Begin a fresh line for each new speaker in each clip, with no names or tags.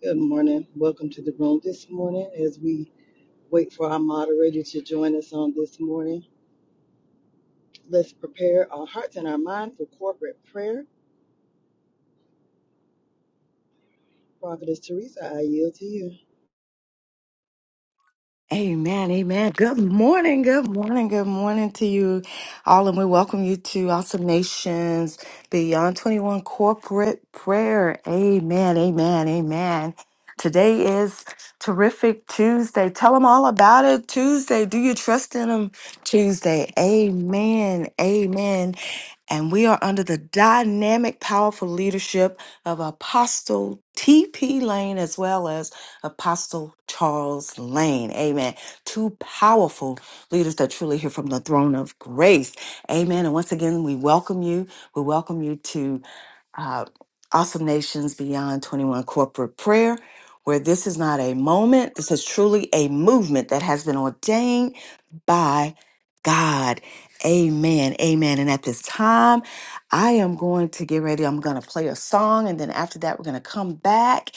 Good morning. Welcome to the room this morning as we wait for our moderator to join us on this morning. Let's prepare our hearts and our mind for corporate prayer. Prophetess Teresa, I yield to you.
Amen, amen. Good morning, good morning, good morning to you all, and we welcome you to Awesome Nations Beyond 21 Corporate Prayer. Amen, amen, amen. Today is Terrific Tuesday. Tell them all about it Tuesday. Do you trust in them Tuesday? Amen, amen and we are under the dynamic, powerful leadership of Apostle T.P. Lane as well as Apostle Charles Lane. Amen. Two powerful leaders that truly hear from the throne of grace. Amen. And once again, we welcome you. We welcome you to uh, Awesome Nations Beyond 21 Corporate Prayer, where this is not a moment. This is truly a movement that has been ordained by God. Amen. Amen. And at this time, I am going to get ready. I'm going to play a song, and then after that, we're going to come back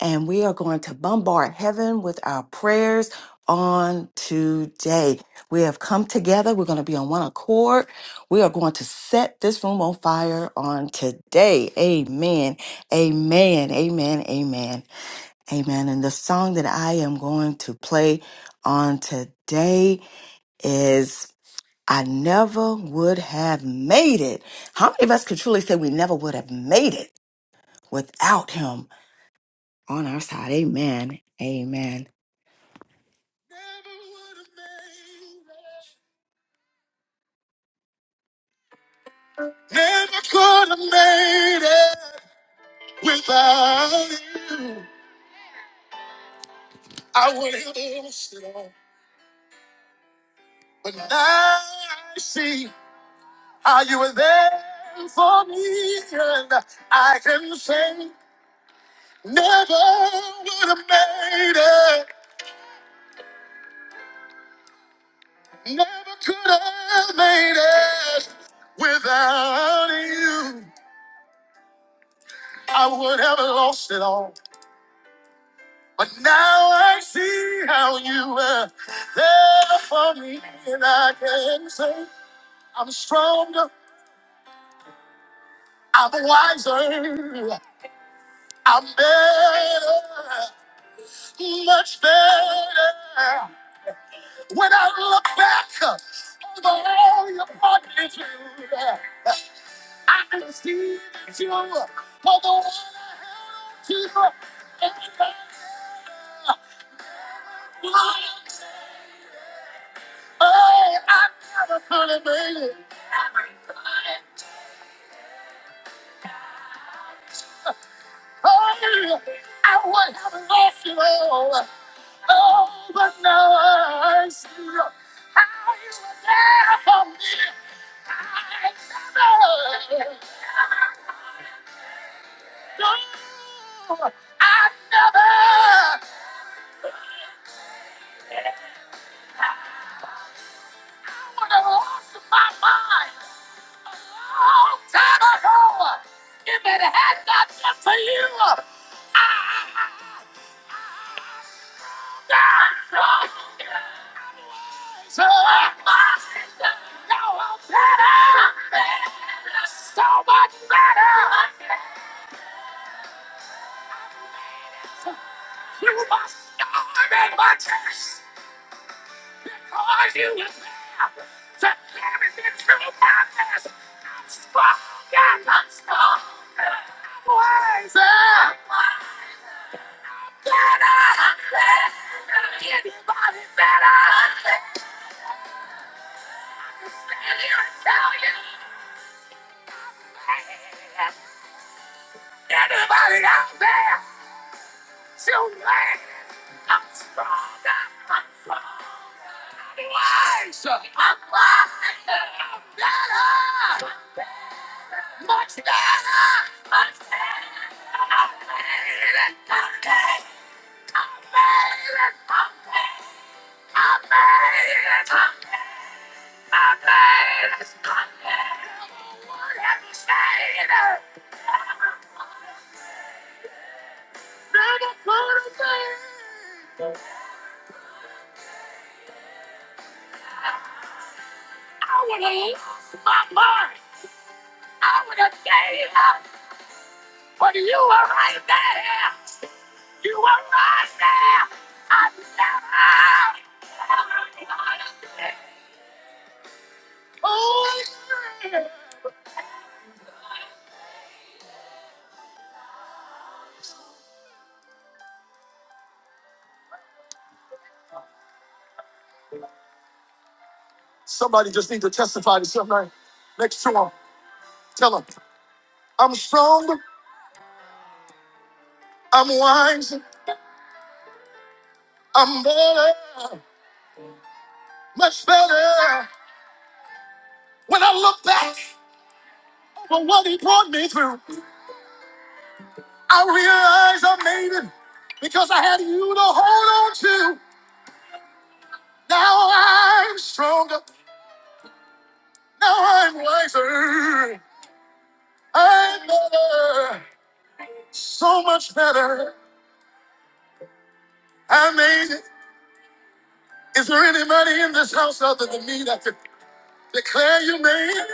and we are going to bombard heaven with our prayers on today. We have come together. We're going to be on one accord. We are going to set this room on fire on today. Amen. Amen. Amen. Amen. Amen. And the song that I am going to play on today is I never would have made it. How many of us could truly say we never would have made it without him on our side? Amen. Amen. Never would have made it. Never could have made it without you. I would have lost it all. But now I see how you were there for me, and I can say, never would have made it. Never could have made it without you. I would have lost it all. But now I see how you were there for me, and I can say I'm stronger, I'm wiser, I'm better, much better. When I look back over all you brought me through, I can see that you are the one I held to and I never never will. Oh, I never thought it, baby. Oh, I would have lost it all. Oh, but no, I see you. How you were there for me. I never, no, I never, I would have lost my mind. long time ago. If it had not been for you, I would So I must know I'm better. So much better. You must know I'm in my chest. Cause you were there to carry me through my mess. I'm strong and I'm strong. I'm wiser. I'm wiser. Anybody out there? Shoot me! I'm strong. I'm strong. I'm wise. I'm wise. I'm better. I'm better, Much better. Much better. I'm better. I'm better. I would have lost my mind. I would have gave up. But you were right there. You were right there. I never, never wanted to be. Oh, Somebody just need to testify to somebody next to him. Tell him, I'm strong, I'm wise, I'm better, much better. When I look back on what he brought me through, I realize I made it because I had you to hold on to. Now I'm stronger, now I'm wiser, I'm better, so much better. I made it. Is there anybody in this house other than me that could? Declare your name.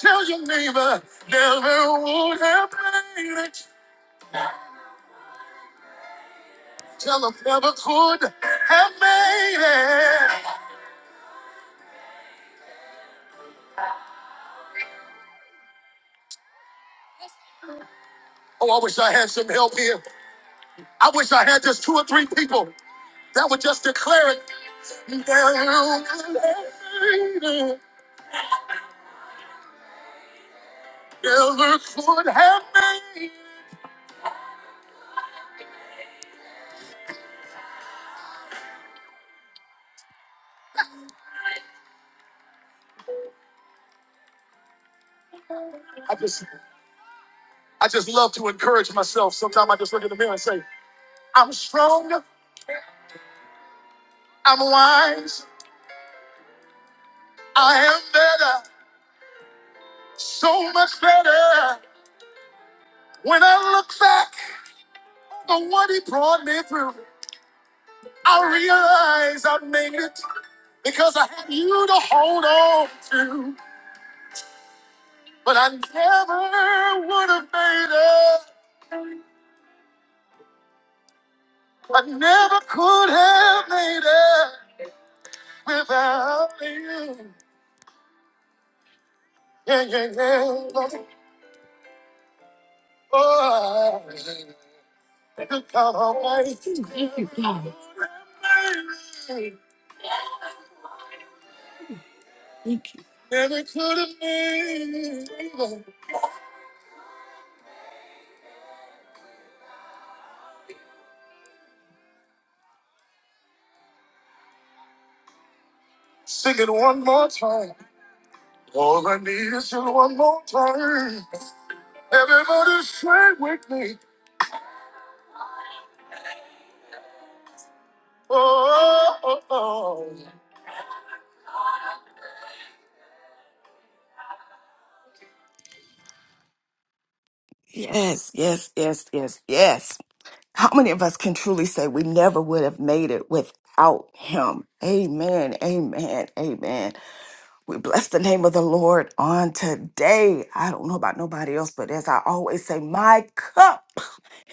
Tell your neighbor never would have made it. Tell them never could have made it. Oh, I wish I had some help here. I wish I had just two or three people that would just declare it. Never, would have made it. never could have made it. I just, I just love to encourage myself. Sometimes I just look in the mirror and say, I'm strong, I'm wise, I am better. So much better when I look back on what he brought me through. I realize I made it because I had you to hold on to. But I never would have made it. I never could have made it without you. Yeah, yeah, yeah. Oh, I could count on my- Never could have made it. Sing it one more time. All I need is you one more time. Everybody say with me. Oh, oh, oh. Yes, yes, yes, yes, yes. How many of us can truly say we never would have made it without him? Amen, amen, amen. We bless the name of the Lord on today. I don't know about nobody else, but as I always say, my cup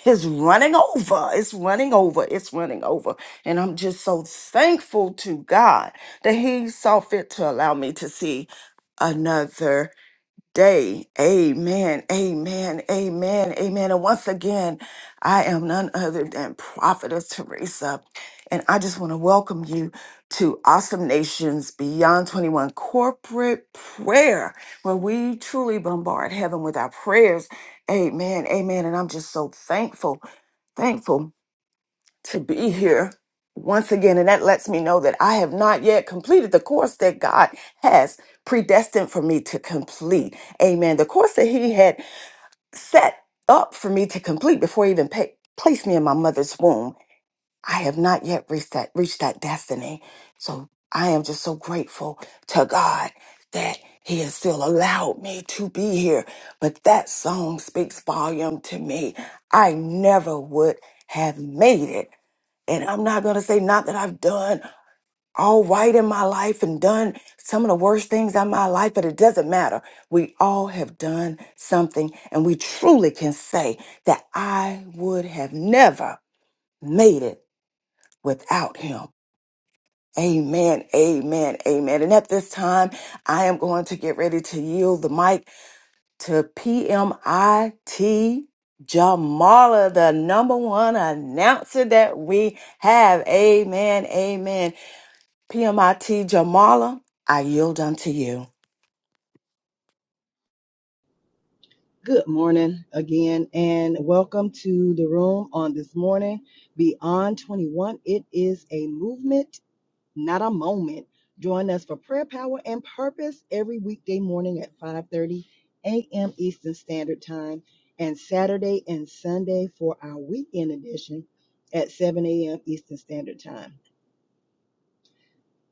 is running over. It's running over. It's running over. And I'm just so thankful to God that He saw fit to allow me to see another day. Amen. Amen. Amen. Amen. And once again, I am none other than Prophetess Teresa. And I just want to welcome you to Awesome Nations Beyond 21 Corporate Prayer, where we truly bombard heaven with our prayers. Amen. Amen. And I'm just so thankful, thankful to be here once again. And that lets me know that I have not yet completed the course that God has predestined for me to complete. Amen. The course that He had set up for me to complete before He even pa- placed me in my mother's womb. I have not yet reached that reached that destiny. So I am just so grateful to God that He has still allowed me to be here. But that song speaks volume to me. I never would have made it. And I'm not going to say not that I've done all right in my life and done some of the worst things in my life, but it doesn't matter. We all have done something, and we truly can say that I would have never made it without him. Amen, amen, amen. And at this time, I am going to get ready to yield the mic to PMIT Jamala, the number one announcer that we have. Amen, amen. PMIT Jamala, I yield unto you.
Good morning again and welcome to the room on this morning. Beyond 21, it is a movement not a moment. Join us for prayer, power, and purpose every weekday morning at 5:30 a.m. Eastern Standard Time, and Saturday and Sunday for our weekend edition at 7 a.m. Eastern Standard Time.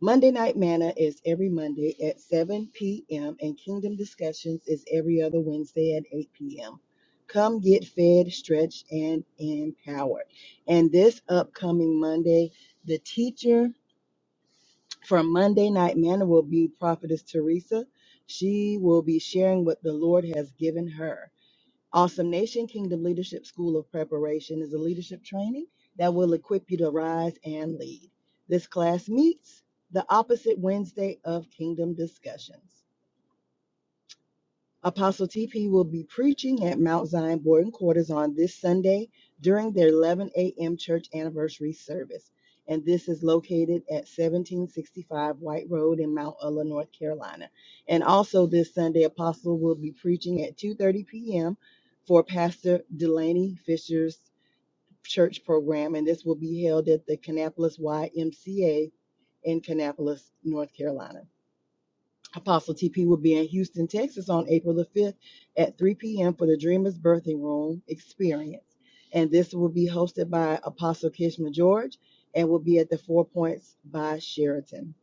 Monday Night Manna is every Monday at 7 p.m. and Kingdom Discussions is every other Wednesday at 8 p.m. Come get fed, stretched, and empowered. And this upcoming Monday, the teacher for Monday Night Manna will be Prophetess Teresa. She will be sharing what the Lord has given her. Awesome Nation Kingdom Leadership School of Preparation is a leadership training that will equip you to rise and lead. This class meets the opposite Wednesday of Kingdom Discussions. Apostle TP will be preaching at Mount Zion Boarding Quarters on this Sunday during their 11 a.m. church anniversary service. And this is located at 1765 White Road in Mount Ulla, North Carolina. And also this Sunday, Apostle will be preaching at 2:30 p.m. for Pastor Delaney Fisher's church program, and this will be held at the Kannapolis YMCA in Kannapolis, North Carolina. Apostle TP will be in Houston, Texas on April the 5th at 3 p.m. for the Dreamers Birthing Room Experience. And this will be hosted by Apostle Kishma George and will be at the Four Points by Sheraton.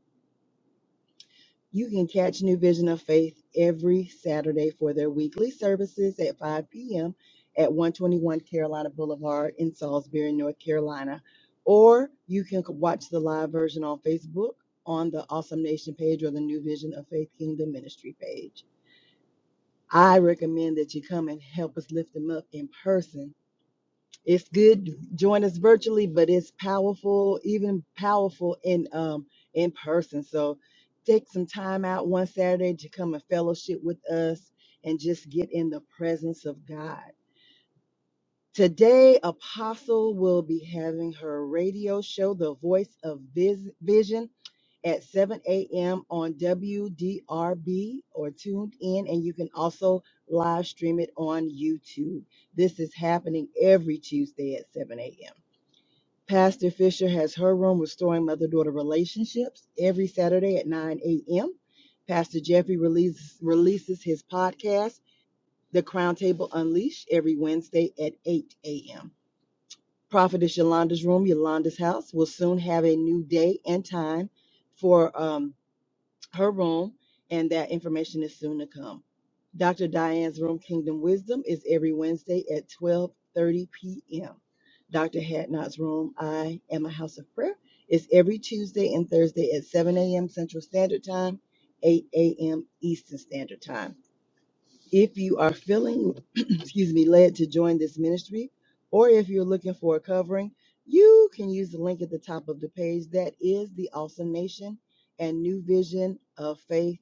You can catch New Vision of Faith every Saturday for their weekly services at 5 p.m. at 121 Carolina Boulevard in Salisbury, North Carolina. Or you can watch the live version on Facebook on the Awesome Nation page or the New Vision of Faith Kingdom Ministry page. I recommend that you come and help us lift them up in person. It's good to join us virtually, but it's powerful, even powerful in um in person. So take some time out one Saturday to come and fellowship with us and just get in the presence of God. Today, Apostle will be having her radio show, The Voice of Vis- Vision at 7 a.m. on WDRB or tuned in, and you can also live stream it on YouTube. This is happening every Tuesday at 7 a.m. Pastor Fisher has her room restoring mother daughter relationships every Saturday at 9 a.m. Pastor Jeffrey releases, releases his podcast, The Crown Table Unleashed, every Wednesday at 8 a.m. Prophetess Yolanda's room, Yolanda's house, will soon have a new day and time for. Um, her room, and that information is soon to come. Dr. Diane's room, Kingdom Wisdom, is every Wednesday at 12:30 p.m. Dr. Hadnot's room, I Am a House of Prayer, is every Tuesday and Thursday at 7 a.m. Central Standard Time, 8 a.m. Eastern Standard Time. If you are feeling, excuse me, led to join this ministry, or if you're looking for a covering, you can use the link at the top of the page. That is the Awesome Nation and New Vision of Faith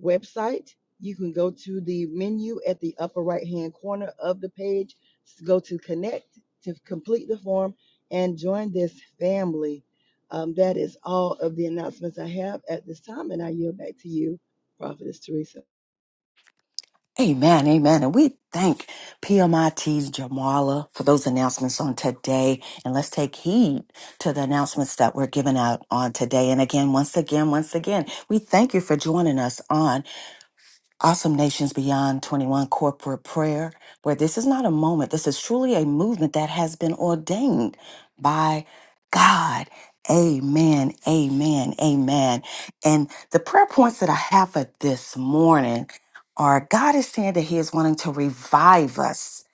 website. You can go to the menu at the upper right hand corner of the page, s- go to connect to complete the form and join this family. Um, that is all of the announcements I have at this time, and I yield back to you, Prophetess Teresa.
Amen, amen. And we thank PMIT's Jamala for those announcements on today. And let's take heed to the announcements that were given out on today. And again, once again, once again, we thank you for joining us on. Awesome Nations Beyond 21 corporate prayer, where this is not a moment. This is truly a movement that has been ordained by God. Amen, amen, amen. And the prayer points that I have for this morning are God is saying that He is wanting to revive us.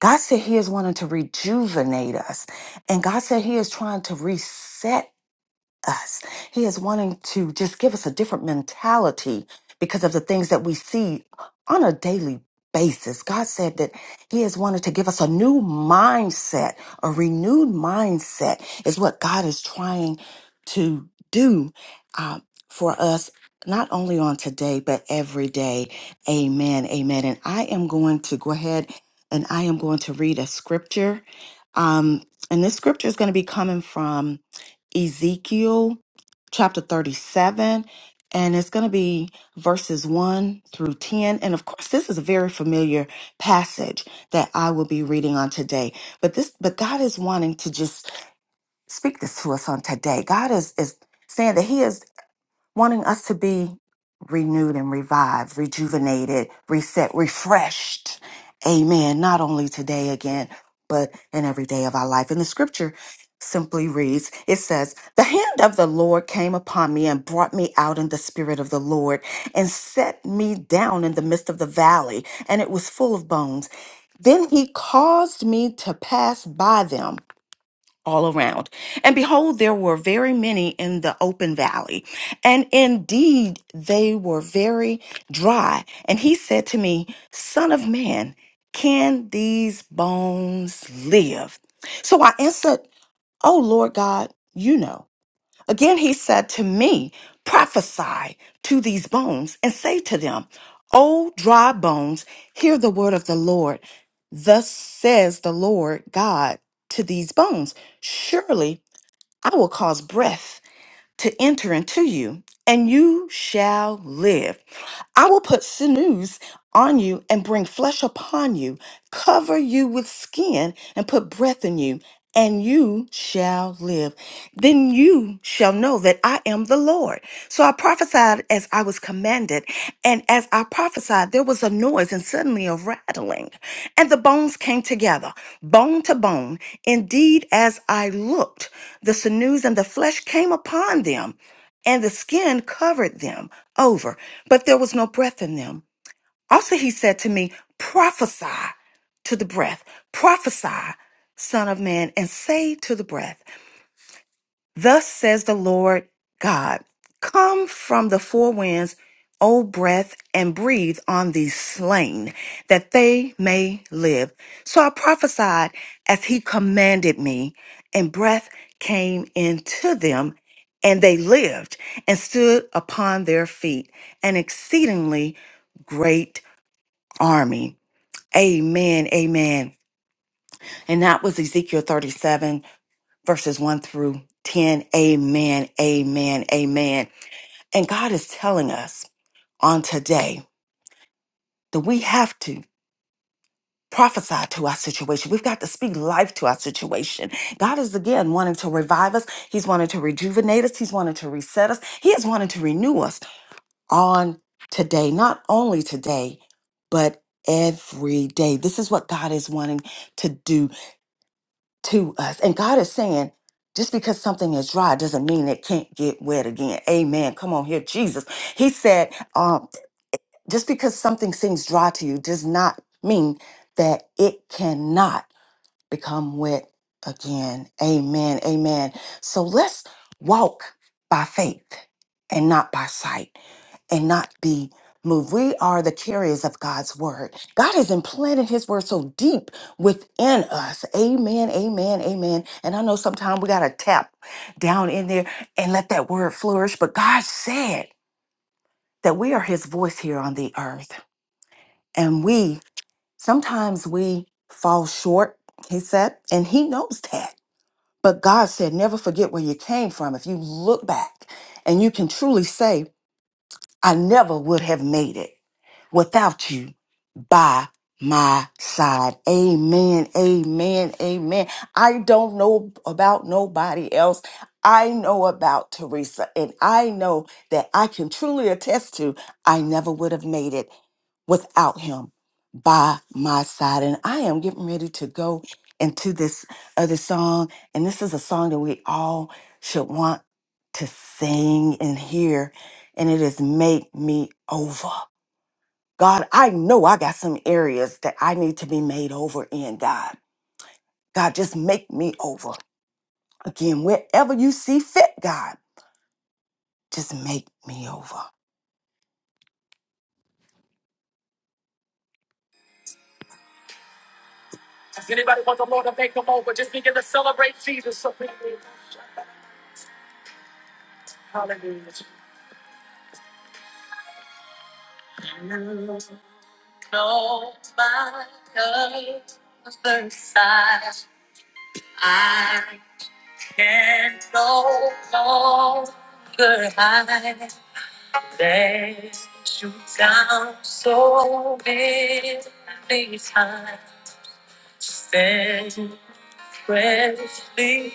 God said He is wanting to rejuvenate us. And God said He is trying to reset us. He is wanting to just give us a different mentality because of the things that we see on a daily basis. God said that He has wanted to give us a new mindset, a renewed mindset is what God is trying to do uh, for us. Not only on today, but every day. Amen. Amen. And I am going to go ahead and I am going to read a scripture. Um, and this scripture is going to be coming from Ezekiel chapter 37, and it's going to be verses 1 through 10. And of course, this is a very familiar passage that I will be reading on today. But this but God is wanting to just speak this to us on today. God is is saying that he is wanting us to be renewed and revived, rejuvenated, reset, refreshed. Amen. Not only today again, but in every day of our life. And the scripture simply reads it says, The hand of the Lord came upon me and brought me out in the spirit of the Lord and set me down in the midst of the valley, and it was full of bones. Then he caused me to pass by them all around. And behold, there were very many in the open valley, and indeed they were very dry. And he said to me, Son of man, can these bones live? So I answered, Oh Lord God, you know. Again, he said to me, Prophesy to these bones and say to them, O dry bones, hear the word of the Lord. Thus says the Lord God to these bones Surely I will cause breath to enter into you, and you shall live. I will put sinews on you and bring flesh upon you, cover you with skin and put breath in you, and you shall live then you shall know that I am the Lord. So I prophesied as I was commanded. And as I prophesied, there was a noise and suddenly a rattling. And the bones came together, bone to bone. Indeed, as I looked, the sinews and the flesh came upon them, and the skin covered them over, but there was no breath in them. Also, he said to me, Prophesy to the breath, prophesy, son of man, and say to the breath. Thus says the Lord God Come from the four winds, O breath, and breathe on these slain, that they may live. So I prophesied as he commanded me, and breath came into them, and they lived and stood upon their feet, an exceedingly great army. Amen, amen. And that was Ezekiel 37 verses 1 through 10. Amen, amen, amen. And God is telling us on today that we have to prophesy to our situation. We've got to speak life to our situation. God is again wanting to revive us. He's wanting to rejuvenate us. He's wanting to reset us. He is wanting to renew us on today, not only today, but every day. This is what God is wanting to do. to us. And God is saying, just because something is dry doesn't mean it can't get wet again. Amen. Come on here, Jesus. He said, um, just because something seems dry to you does not mean that it cannot become wet again. Amen. Amen. So let's walk by faith and not by sight and not be moved. We are the carriers of God's word. God has implanted his word so deep within us. Amen, amen, amen. And I know sometimes we got to tap down in there and let that word flourish, but God said that we are his voice here on the earth. And we, sometimes we fall short, he said, and he knows that. But God said, never forget where you came from. If you look back and you can truly say, I never would have made it without you by my side. Amen. Amen. Amen. I don't know about nobody else. I know about Teresa, and I know that I can truly attest to I never would have made it without him by my side. And I am getting ready to go into this other song. And this is a song that we all should want to sing and hear. And it is Make Me Over. God, I know I got some areas that I need to be made over in, God. God, just make me over. Again, wherever you see fit, God, just make me over. Does anybody want the Lord to make them over? Just begin. Knows my other side. I can no longer hide. Let you down so many times. Stand freshly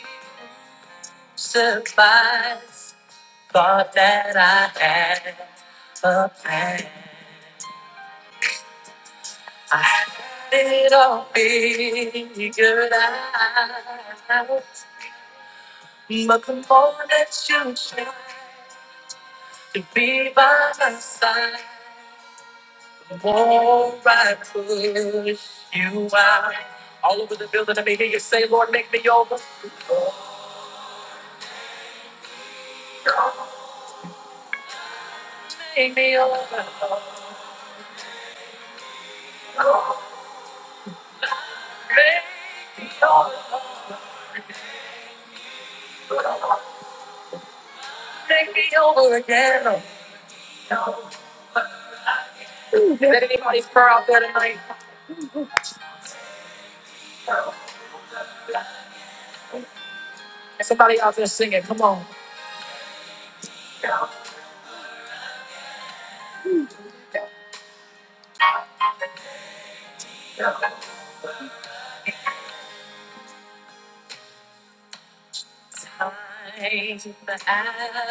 surprised. Thought that I had a plan. I had it all figured out. But the more that you try to be by my side, the more I push you out. All over the building, I may hear you say, Lord, make me over. Make me over. Make me over, make me over again. Did anybody purr out there tonight? Somebody out there singing, come on. Time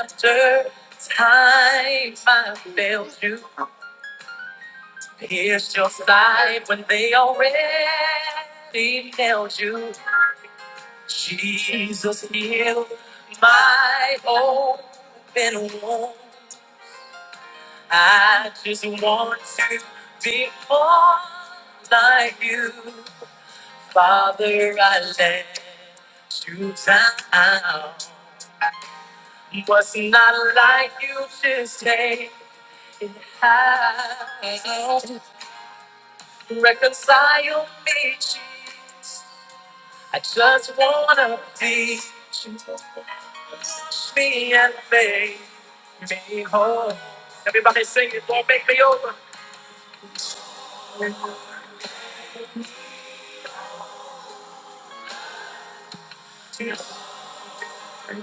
after time I failed you. Pierced your side when they already nailed you. Jesus healed my open wound. I just want to be more like you, Father. I let you down. Was not like you just take it high. Reconcile me, Jesus. I just wanna be you. Touch me and make me whole. Everybody sing it, Lord, make me over.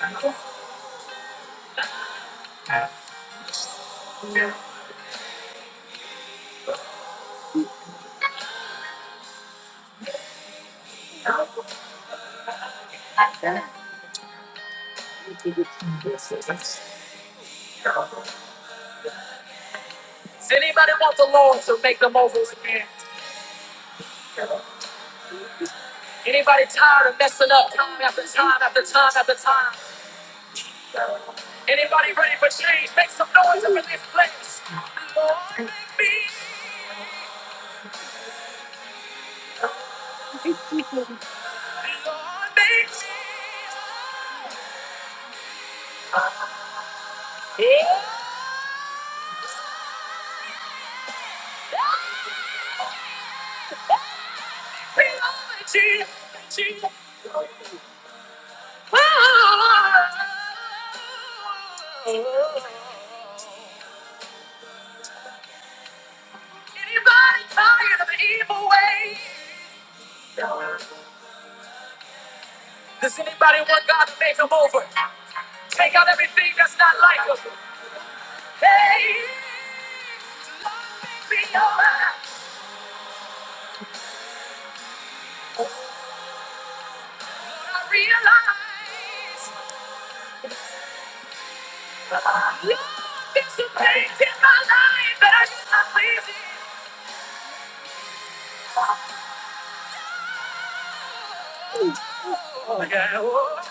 Does anybody want the Lord to make them over again? Anybody tired of messing up time after time after time after time? Anybody ready for change? Make some noise up in this place. Lord, make me. Lord, make me. Anybody tired of the evil way? Does anybody want God to make them over? Take out everything that's not like us. Hey, be alright. I realize love is the pain in my life that I used not please. you. Oh, yeah. Oh,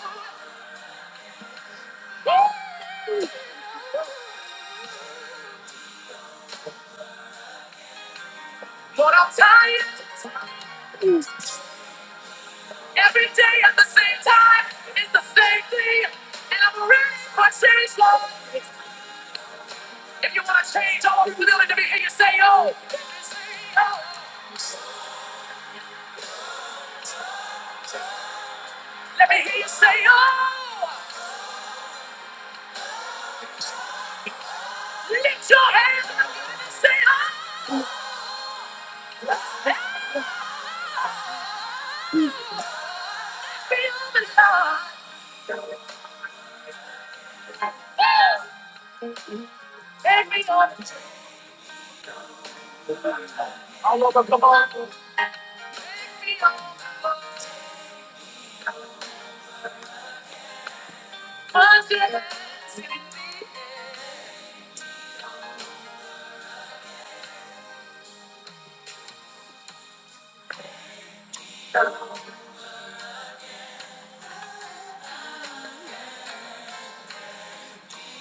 oh. But I'm tired. Every day at the same time it's the same thing. And I'm rich, but change slow. If you want to change, I want you to let me hear you say, oh. Let me hear you say, oh. Lift your hands up and say, "Oh, every woman, Lord, oh, every woman." All over, come on. Help me Every woman, Lord. Cause it is in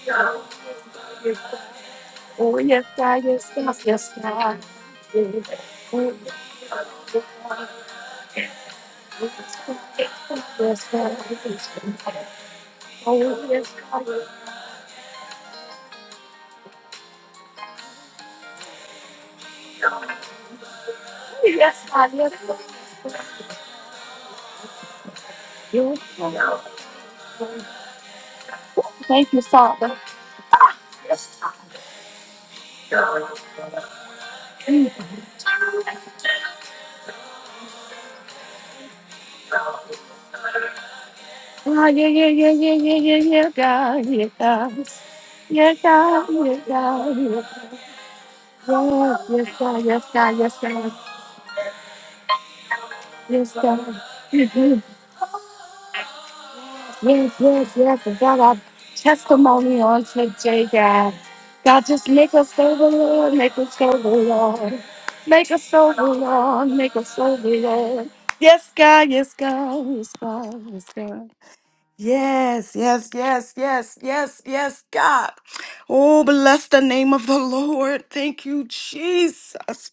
your name." Oh, yes, God, yes, God, yes, God. Yes, Oh, yes, God, yes, God. Oh, yes, God, yes, God. Thank you, Father. Oh, yeah, yeah, yeah, yeah, yeah, yeah, yeah, God, yeah, God. Yeah, God, yeah, God, yeah, God. Yes, yes, God, yes, God, yes, God, yes, God. Mhm. Yes, yes, yes, is that our testimony on today, God? God, just make us sober, Lord, make us sober, Lord. Make us sober, Lord, make us sober, Lord. Yes, God, yes, God, yes, God, yes, God. Yes, yes, yes, yes, yes, yes, God. Oh, bless the name of the Lord. Thank you, Jesus.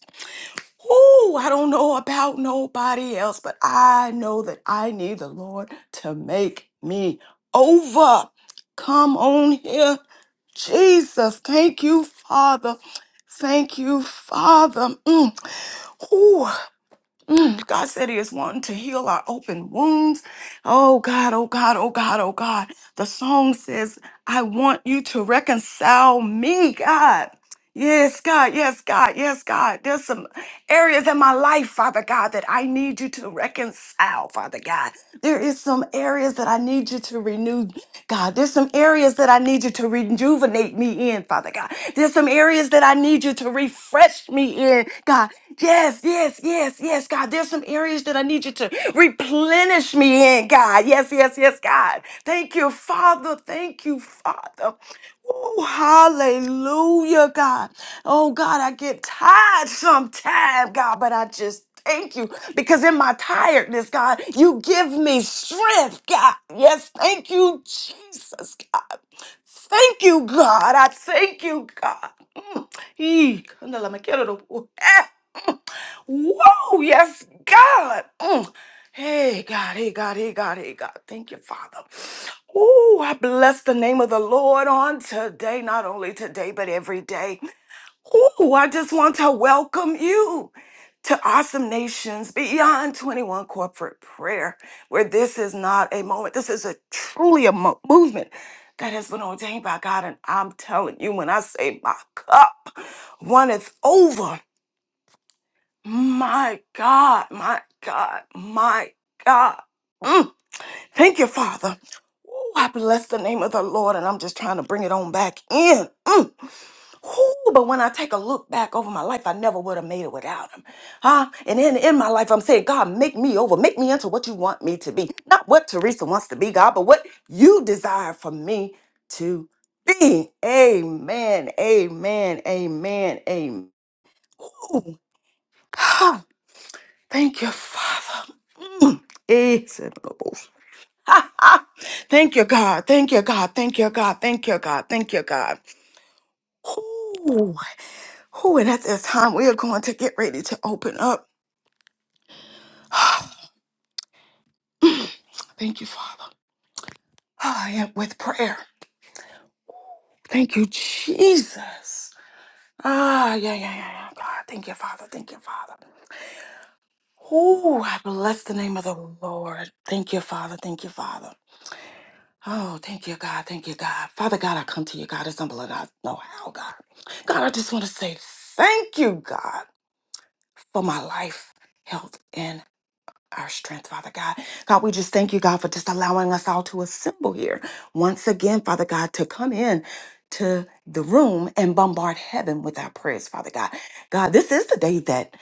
Oh, I don't know about nobody else, but I know that I need the Lord to make me over. Come on here. Jesus, thank you, Father. Thank you, Father. Mm. Ooh, mm. God said He is wanting to heal our open wounds. Oh, God, oh, God, oh, God, oh, God. The song says, I want you to reconcile me, God. Yes, God. Yes, God. Yes, God. There's some areas in my life, Father God, that I need you to reconcile, Father God. There is some areas that I need you to renew, God. There's some areas that I need you to rejuvenate me in, Father God. There's some areas that I need you to refresh me in, God. Yes, yes, yes, yes, God. There's some areas that I need you to replenish me in, God. Yes, yes, yes, God. Thank you, Father. Thank you, Father. Ooh, hallelujah, God. Oh, God, I get tired sometimes, God, but I just thank you because in my tiredness, God, you give me strength, God. Yes, thank you, Jesus, God. Thank you, God. I thank you, God. Mm. Ee, kandala makero do- Eh, mm. Whoa, yes, God. Mm. Hey, God, hey, God, hey, God, hey, God. Thank you, Father. Oh, I bless the name of the Lord on today, not only today, but every day. Ooh, I just want to welcome you to Awesome Nations Beyond 21 Corporate Prayer, where this is not a moment. This is a truly a mo- movement that has been ordained by God. And I'm telling you, when I say my cup runneth over, my God, my God, my God. Mm. Thank you, Father. Ooh, I bless the name of the Lord, and I'm just trying to bring it on back in. Mm. Whew, but when I take a look back over my life, I never would have made it without him. Huh? And in, in my life, I'm saying, God, make me over. Make me into what you want me to be. Not what Teresa wants to be, God, but what you desire for me to be. Amen. Amen. Amen. Amen. Ooh. Ah, Thank you, Father. Mm. It's in the most- Ha, ha. Thank you, God. Thank you, God. Thank you, God. Thank you, God. Thank you, God. Ooh. Who and at this time we are going to get ready to open up. Thank you, Father. Ah, yeah, with prayer. Thank you, Jesus. Ah, yeah, yeah, yeah, yeah. God, thank you, Father. Thank you, Father. Oh, I bless the name of the Lord. Thank you, Father. Thank you, Father. Oh, thank you, God. Thank you, God. Father God, I come to you, God, as humble as I know how, God. God, I just want to say thank you, God, for my life, health, and our strength, Father God. God, we just thank you, God, for just allowing us all to assemble here once again, Father God, to come in to the room and bombard heaven with our prayers, Father God. God, this is the day that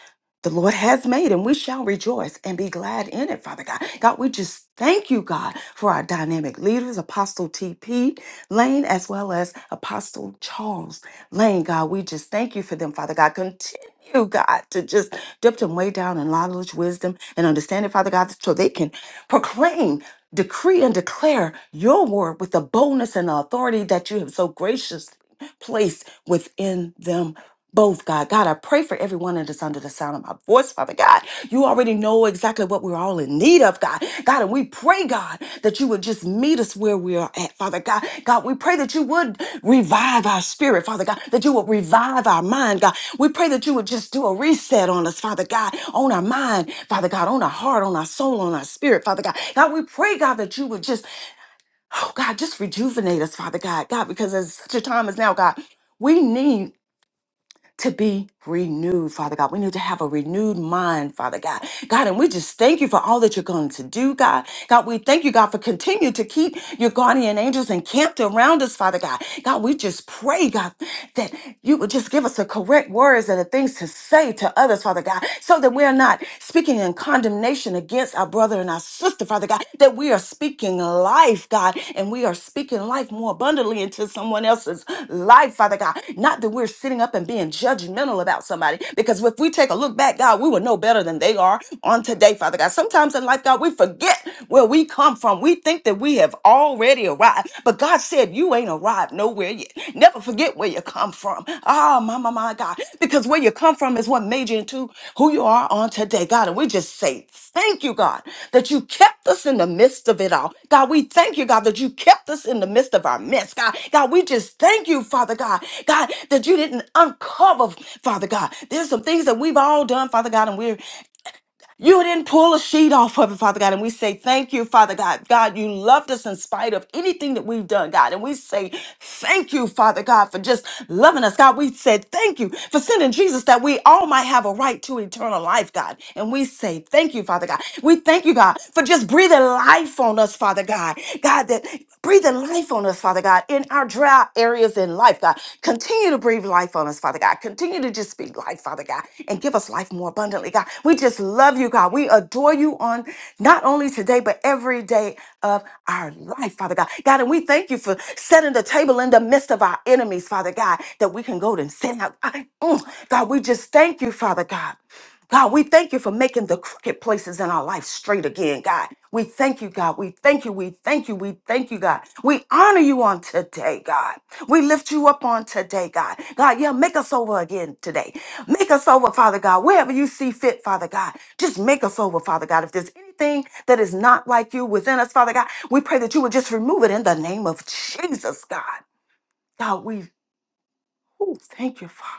the Lord has made, and we shall rejoice and be glad in it, Father God. God, we just thank you, God, for our dynamic leaders, Apostle T.P. Lane, as well as Apostle Charles Lane. God, we just thank you for them, Father God. Continue, God, to just Dip them way down in knowledge, wisdom, and understanding, Father God, so they can proclaim, decree, and declare your word with the boldness and the authority that you have so graciously placed within them, both, God. God, I pray for everyone that is under the sound of my voice, Father God. You already know exactly what we're all in need of, God. God, and we pray, God, that you would just meet us where we are at, Father God. God, we pray that you would revive our spirit, Father God, that you would revive our mind, God. We pray that you would just do a reset on us, Father God, on our mind, Father God, on our heart, on our soul, on our spirit, Father God. God, we pray, God, that you would just, oh God, just rejuvenate us, Father God, God, because at such a time as now, God, we need to be renewed, Father God. We need to have a renewed mind, Father God. God, and we just thank you for all that you're going to do, God. God, we thank you, God, for continue to keep your guardian angels encamped around us, Father God. God, we just pray, God, that you would just give us the correct words and the things to say to others, Father God, so that we are not speaking in condemnation against our brother and our sister, Father God, that we are speaking life, God, and we are speaking life more abundantly into someone else's life, Father God. Not that we're sitting up and being judgmental about somebody, because if we take a look back, God, we will know better than they are on today, Father God. Sometimes in life, God, we forget where we come from. We think that that we have already arrived. But God said, You ain't arrived nowhere yet. Never forget where you come from. Ah, my, my, my God. Because where you come from is what made you into who you are on today, God. And we just say, Thank you, God, that you kept us in the midst of it all. God, we thank you, God, that you kept us in the midst of our mess, God. God, we just thank you, Father God, God, that you didn't uncover, Father God. There's some things that we've all done, Father God, and we're you didn't pull a sheet off of it, Father God. And we say, Thank you, Father God. God, you loved us in spite of anything that we've done, God. And we say, Thank you, Father God, for just loving us, God. We said, Thank you for sending Jesus that we all might have a right to eternal life, God. And we say, Thank you, Father God. We thank you, God, for just breathing life on us, Father God. God, that breathing life on us, Father. God. God, in our dry areas in life, God. Continue to breathe life on us, Father God. Continue to just speak life, Father God, and give us life more abundantly, God. We just love you, God. We adore you on not only today, but every day of our life, Father God. God, and we thank you for setting the table in the midst of our enemies, Father God, that we can go and sit out. Ah, Mm, God, we just thank you, Father God. God, we thank you for making the crooked places in our life straight again, God. We thank you, God. We thank you. We thank you. We thank you, God. We honor you on today, God. We lift you up on today, God. God, yeah, make us over again today. Make us over, Father God, wherever you see fit, Father God. Just make us over, Father God. If there's anything that is not like you within us, Father God, we pray that you would just remove it in the name of Jesus, God. God, we ooh, thank you, Father.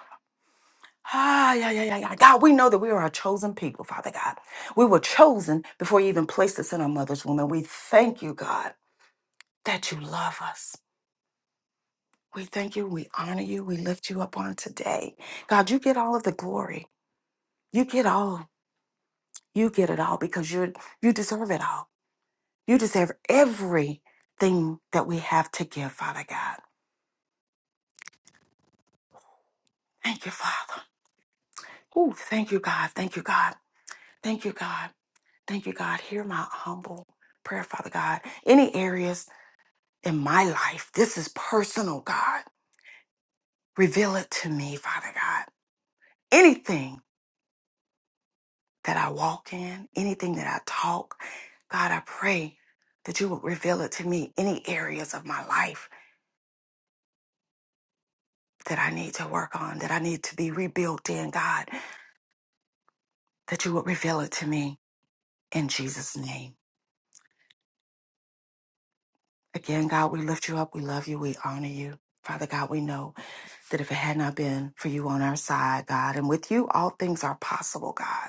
Ah, yeah, yeah, yeah, yeah. God, we know that we are a chosen people, Father God. We were chosen before you even placed us in our mother's womb. And we thank you, God, that you love us. We thank you. We honor you. We lift you up on today. God, you get all of the glory. You get all. You get it all because you you deserve it all. You deserve everything that we have to give, Father God. Thank you, Father. Ooh, thank you, God. Thank you, God. Thank you, God. Thank you, God. Hear my humble prayer, Father God. Any areas in my life. This is personal, God. Reveal it to me, Father God. Anything that I walk in, anything that I talk, God, I pray that you would reveal it to me. Any areas of my life that I need to work on, that I need to be rebuilt in, God, that you would reveal it to me in Jesus' name. Again, God, we lift you up. We love you. We honor you. Father God, we know that if it had not been for you on our side, God, and with you, all things are possible, God.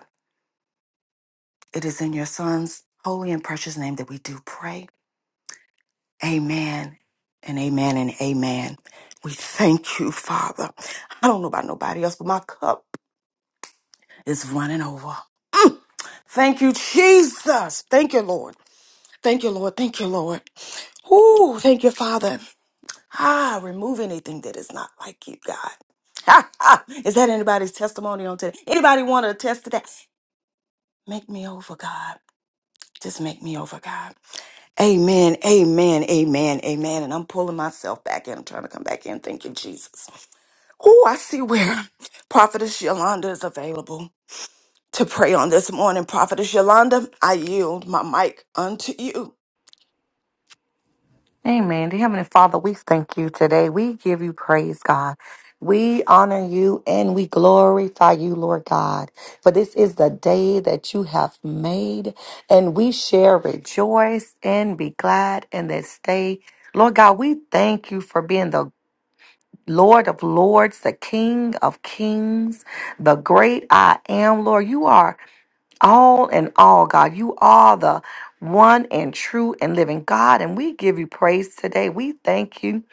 It is in your Son's holy and precious name that we do pray. Amen and amen and amen. We thank you, Father. I don't know about nobody else, but my cup is running over. Mm. Thank you, Jesus. Thank you, Lord. Thank you, Lord. Thank you, Lord. Ooh, thank you, Father. Ah, remove anything that is not like you, God. is that anybody's testimony on today? Anybody want to attest to that? Make me over, God. Just make me over, God. Amen, amen, amen, amen. And I'm pulling myself back in. I'm trying to come back in. Thank you, Jesus. Oh, I see where Prophetess Yolanda is available to pray on this morning. Prophetess Yolanda, I yield my mic unto you.
Amen. Dear Heavenly Father, we thank you today. We give you praise, God. We honor you and we glorify you, Lord God. For this is the day that you have made, and we shall rejoice and be glad in this day. Lord God, we thank you for being the Lord of Lords, the King of Kings, the great I am, Lord. You are all in all, God. You are the one and true and living God, and we give you praise today. We thank you,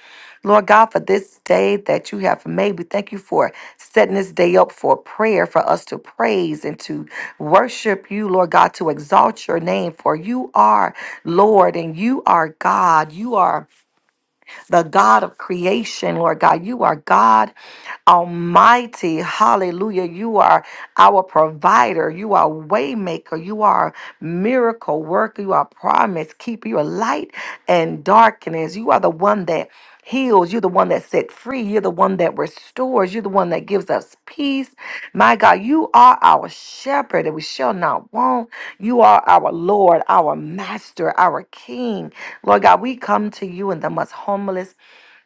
Lord God, for this day that you have made. We thank you for setting this day up for prayer, for us to praise and to worship you, Lord God, to exalt your name, for you are Lord and you are God. You are the God of creation, Lord God. You are God Almighty. Hallelujah. You are our provider. You are waymaker. You are miracle worker. You are promise keeper. You are light and darkness. You are the one that heals. You're the one that set free. You're the one that restores. You're the one that gives us peace. My God, you are our shepherd and we shall not want. You are our Lord, our master, our king. Lord God, we come to you in the most humblest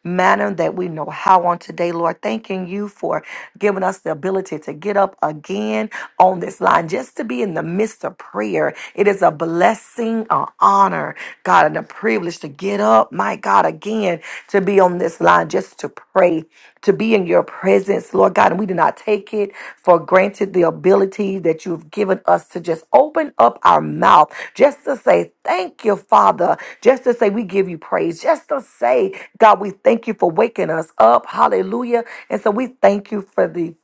manner that we know how on today, Lord. Thanking you for giving us the ability to get up again on this line just to be in the midst of prayer. It is a blessing, an honor, God, and a privilege to get up, my God, again to be on this line just to pray to be in your presence, Lord God. And we do not take it for granted the ability that you've given us to just open up our mouth, just to say, Thank you, Father. Just to say, We give you praise. Just to say, God, we thank you for waking us up. Hallelujah. And so we thank you for the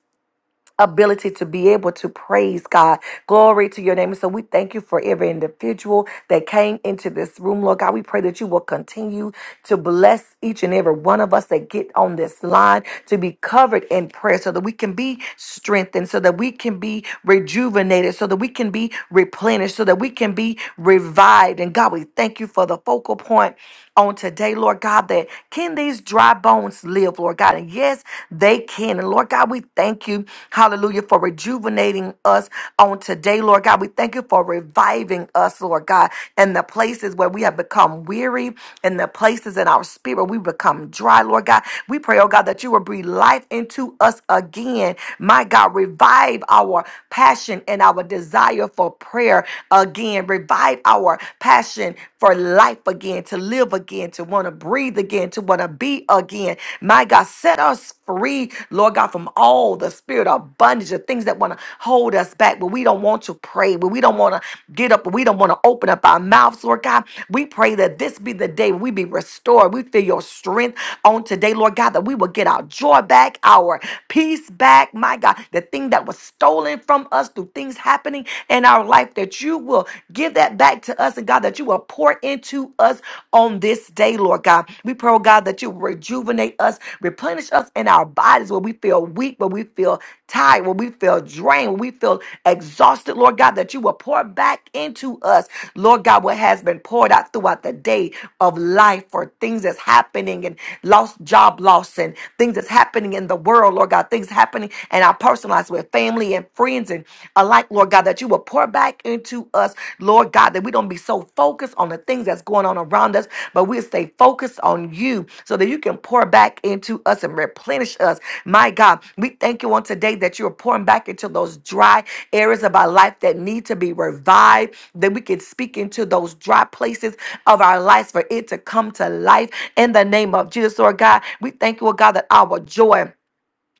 ability to be able to praise God. Glory to your name. And so we thank you for every individual that came into this room, Lord God. We pray that you will continue to bless each and every one of us that get on this line to be covered in prayer so that we can be strengthened, so that we can be rejuvenated, so that we can be replenished, so that we can be revived. And God, we thank you for the focal point on today, Lord God, that can these dry bones live, Lord? forth, Lord God. And yes, they can. And Lord God, we thank you, hallelujah, for rejuvenating us on today, Lord God. We thank you for reviving us, Lord God, in the places where we have become weary, in the places in our spirit we become dry, Lord God. We pray, oh God, that you will breathe life into us again. My God, revive our passion and our desire for prayer again. Revive our passion for life again, to live live again, to want to breathe again, to want to be again. My God, set us free, Lord God, from all the spirit of bondage, the things that want to hold us back, but we don't want to pray, but we don't want to get up, but we don't want to open up our mouths, Lord God. We pray that this be the day we be restored. We feel your strength on today, Lord God, that we will get our joy back, our peace back, my God, the thing that was stolen from us through things happening in our life, that you will Give that back to us, and God, that you will pour into us on this day, Lord God. We pray, oh God, that you rejuvenate us, replenish us in our bodies where we feel weak, where we feel tired, where we feel drained, where we feel exhausted, Lord God, that you will pour back into us, Lord God, what has been poured out throughout the day of life for things that's happening and lost job loss and things that's happening in the world, Lord God, things happening in our personal lives with family and friends friends and alike, Lord God, that you will pour back into us, Lord God, that we don't be so focused on the things that's going on around us, but we'll stay focused on you so that you can pour back into us and replenish us. My God, we thank you on today that you are pouring back into those dry areas of our life that need to be revived, that we can speak into those dry places of our lives for it to come to life in the name of Jesus, Lord God. We thank you, oh God, that our joy.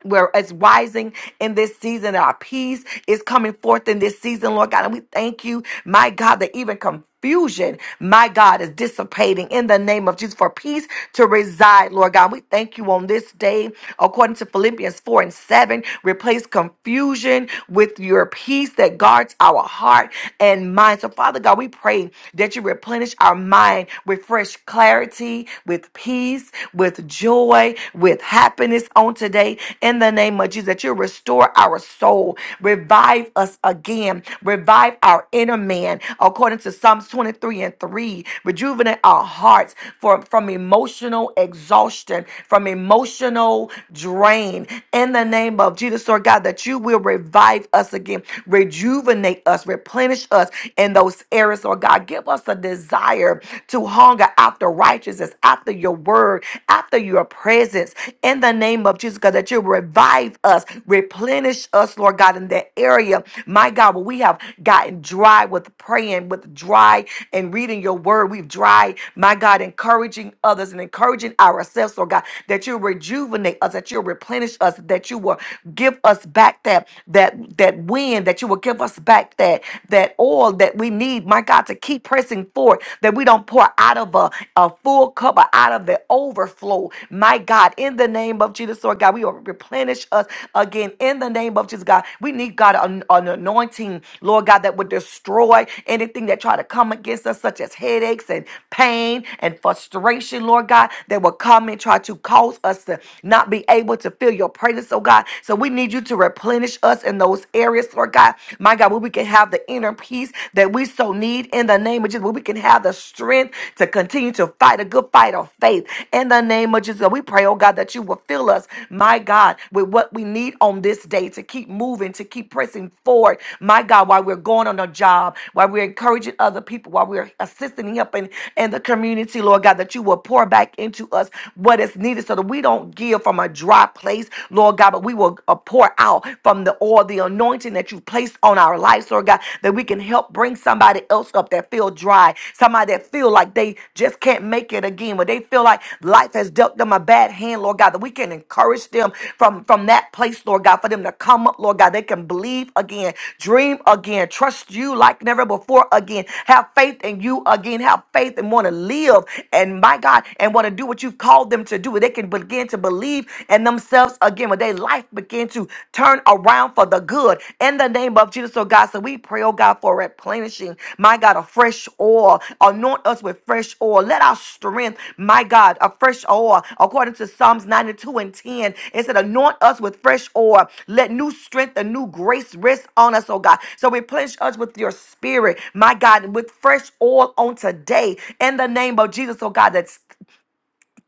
We're as rising in this season. Our peace is coming forth in this season, Lord God. And we thank you, my God, that even confusion, my God, is dissipating in the name of Jesus for peace to reside, Lord God. We thank you on this day, according to Philippians 4 and 7, replace confusion with your peace that guards our heart and mind. So, Father God, we pray that you replenish our mind with fresh clarity, with peace, with joy joy, with happiness on today in the name of Jesus. That you restore our soul, revive us again, revive our inner man according to Psalms 23 and 3. Rejuvenate our hearts for, from emotional exhaustion, from emotional drain in the name of Jesus, Lord God, that you will revive us again, rejuvenate us, replenish us in those areas, Lord God. Give us a desire to hunger after righteousness, after your word, after your presence in the name of Jesus, God, that you revive us, replenish us, Lord God, in that area. My God, where we have gotten dry with praying, with dry and reading your word. We've dry, my God, encouraging others and encouraging ourselves, Lord God, that you rejuvenate us, that you replenish us, that you will give us back that that that wind, that you will give us back that that oil that we need, my God, to keep pressing forward, that we don't don't pour out of a, a full cup, but out of the overflow. My God, in the name of Jesus, Lord God, we will replenish us again in the name of Jesus, God. We need God an, an anointing, Lord God, that would destroy anything that try to come against us, such as headaches and pain and frustration, Lord God, that will come and try to cause us to not be able to feel your presence, oh God. So we need you to replenish us in those areas, Lord God. My God, where we can have the inner peace peace that we so need in the name of Jesus, where we can have the strength to continue to fight a good fight of faith in the name of Jesus. We pray, oh God, that you will fill us, my God, with what we need on this day to keep moving, to keep pressing forward, my God, while we're going on a job, while we're encouraging other people, while we're assisting and helping in the community, Lord God, that you will pour back into us what is needed so that we don't give from a dry place, Lord God, but we will uh, pour out from the the oil, the anointing that you've placed on our lives, Lord God, that we can help bring somebody else up that feel dry, somebody that feel like they just can't make it again, where they feel like life has dealt them a bad hand, Lord God, that we can encourage them from, from that place, Lord God, for them to come up, Lord God. They can believe again, dream again, trust you like never before again, have faith in you again, have faith and want to live and my God, and want to do what you've called them to do. They can begin to believe and themselves again when their life begin to turn around for the good in the name of Jesus, oh God. So we pray, oh God, for replenishing, my God, a fresh oil. Anoint us with fresh oil. Let our strength, my God, a fresh oil. According to Psalms 92 and 10, it said, Anoint us with fresh oil. Let new strength and new grace rest on us, oh God. So replenish us with your spirit, my God, with fresh oil on today in the name of Jesus, oh God. That's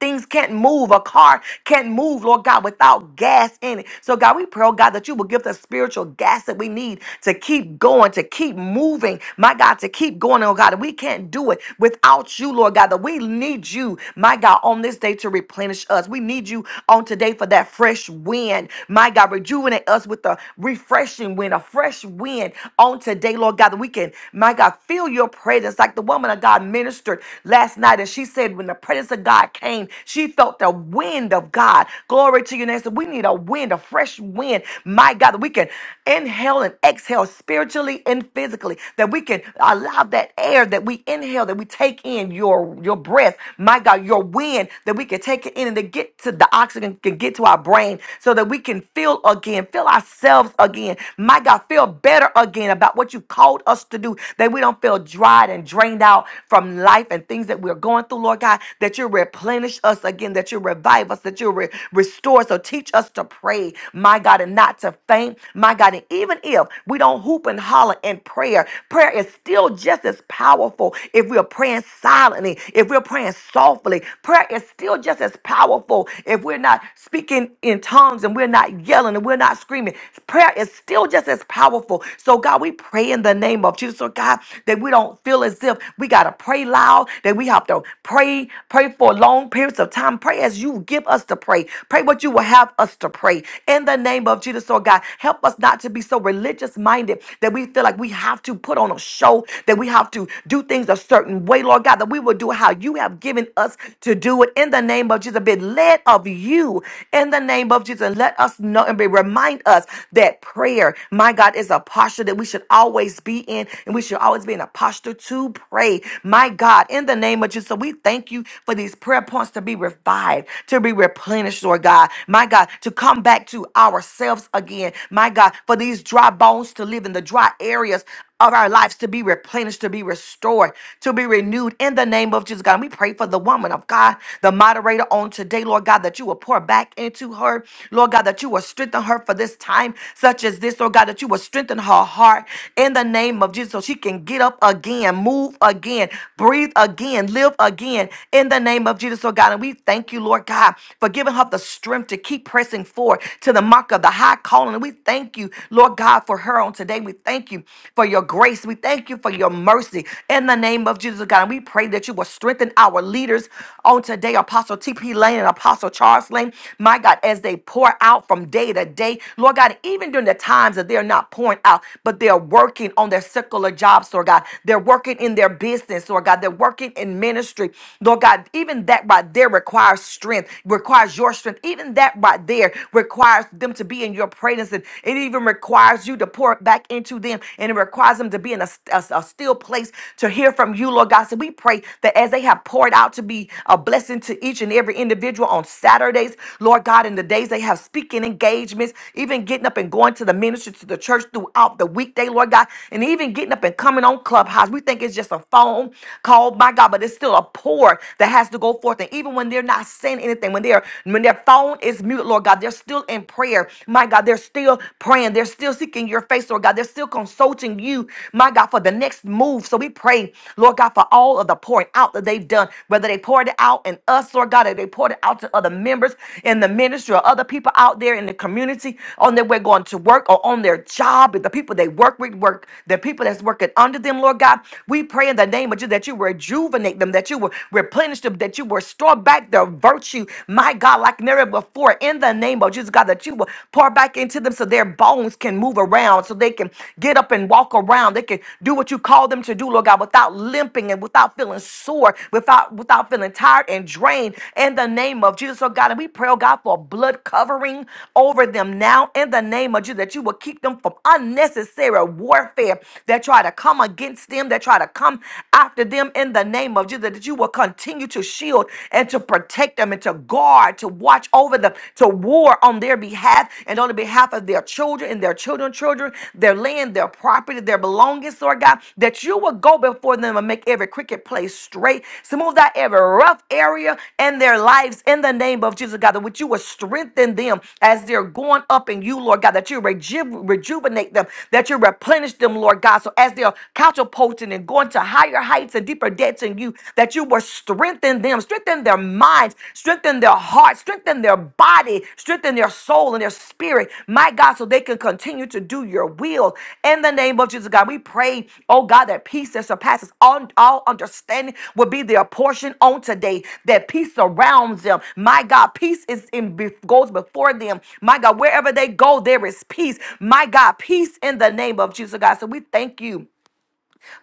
Things can't move. A car can't move, Lord God, without gas in it. So, God, we pray, oh God, that you will give the spiritual gas that we need to keep going, to keep moving, my God, to keep going, oh God. And we can't do it without you, Lord God, that we need you, my God, on this day to replenish us. We need you on today for that fresh wind, my God, rejuvenate us with a refreshing wind, a fresh wind on today, Lord God, that we can, my God, feel your presence like the woman of God ministered last night. And she said, when the presence of God God came. She felt the wind of God. Glory to you, Nancy. We need a wind, a fresh wind. My God, that we can inhale and exhale spiritually and physically. That we can allow that air that we inhale, that we take in your your breath. My God, your wind that we can take it in and to get to the oxygen can get to our brain, so that we can feel again, feel ourselves again. My God, feel better again about what you called us to do. That we don't feel dried and drained out from life and things that we're going through, Lord God that you replenish us again, that you revive us, that you re- restore. So teach us to pray, my God, and not to faint, my God. And even if we don't hoop and holler in prayer, prayer is still just as powerful if we're praying silently, if we're praying softly. Prayer is still just as powerful if we're not speaking in tongues and we're not yelling and we're not screaming. Prayer is still just as powerful. So, God, we pray in the name of Jesus, so God, that we don't feel as if we got to pray loud, that we have to pray Pray, pray for long periods of time. Pray as you give us to pray. Pray what you will have us to pray. In the name of Jesus, Lord God, help us not to be so religious minded that we feel like we have to put on a show, that we have to do things a certain way, Lord God, that we will do how you have given us to do it. In the name of Jesus, be led of you. In the name of Jesus, let us know and be remind us that prayer, my God, is a posture that we should always be in, and we should always be in a posture to pray. My God, in the name of Jesus much. And so we thank you for these prayer points to be revived, to be replenished, Lord God. My God, to come back to ourselves again. My God, for these dry bones to live in the dry areas of our lives to be replenished, to be restored, to be renewed in the name of Jesus, God. And we pray for the woman of God, the moderator on today, Lord God, that you will pour back into her, Lord God, that you will strengthen her for this time such as this, Lord God, that you will strengthen her heart in the name of Jesus so she can get up again, move again, breathe again again, live again in the name of Jesus, oh God. And we thank you, Lord God, for giving her the strength to keep pressing forward to the mark of the high calling. And we thank you, Lord God, for her on today. We thank you for your grace. We thank you for your mercy in the name of Jesus, oh God. And we pray that you will strengthen our leaders on today, Apostle T.P. Lane and Apostle Charles Lane, my God, as they pour out from day to day. Lord God, even during the times that they're not pouring out, but they're working on their secular jobs, Lord God. They're working in their business, Lord God. God, they're working in ministry. Lord God, even that right there requires strength, requires your strength. Even that right there requires them to be in your presence. And it even requires you to pour it back into them. And it requires them to be in a, a, a still place to hear from you, Lord God. So we pray that as they have poured out to be a blessing to each and every individual on Saturdays, Lord God, in the days they have speaking engagements, even getting up and going to the ministry to the church throughout the weekday, Lord God, and even getting up and coming on Clubhouse. We think it's just a phone home called by God, but it's still a pour that has to go forth. And even when they're not saying anything, when they're when their phone is muted, Lord God, they're still in prayer. My God, they're still praying. They're still seeking your face, Lord God. They're still consulting you, my God, for the next move. So we pray, Lord God, for all of the pouring out that they've done, whether they poured it out in us, Lord God, or they poured it out to other members in the ministry or other people out there in the community on their way going to work or on their job, the people they work with, work, the people that's working under them, Lord God. We pray pray in the name of Jesus that you rejuvenate them, that you will replenish them, that you will restore back their virtue, my God, like never before. In the name of Jesus, God, that you will pour back into them so their bones can move around, so they can get up and walk around. They can do what you call them to do, Lord God, without limping and without feeling sore, without without feeling tired and drained. In the name of Jesus, oh God, and we pray, oh God, for a blood covering over them now. In the name of Jesus, that you will keep them from unnecessary warfare that try to come against them, them that try to come after them in the name of Jesus, that you will continue to shield and to protect them and to guard, to watch over them, to war on their behalf and on the behalf of their children and their children, children, their land, their property, their belongings, Lord God, that you will go before them and make every crooked place straight, smooth out every rough area in their lives in the name of Jesus, God, that which you will strengthen them as they're going up in you, Lord God, that you reju- rejuvenate them, that you replenish them, Lord God. So as they're catapulting and going to higher heights and deeper depths in you, that you will strengthen them, strengthen their minds, strengthen their hearts, strengthen their body, strengthen their soul and their spirit, my God, so they can continue to do your will. In the name of Jesus, God, we pray, oh God, that peace that surpasses all, all understanding will be their portion on today, that peace surrounds them. My God, peace is in be- goes before them. My God, wherever they go, there is peace. My God, peace in the name of Jesus, God. So we thank you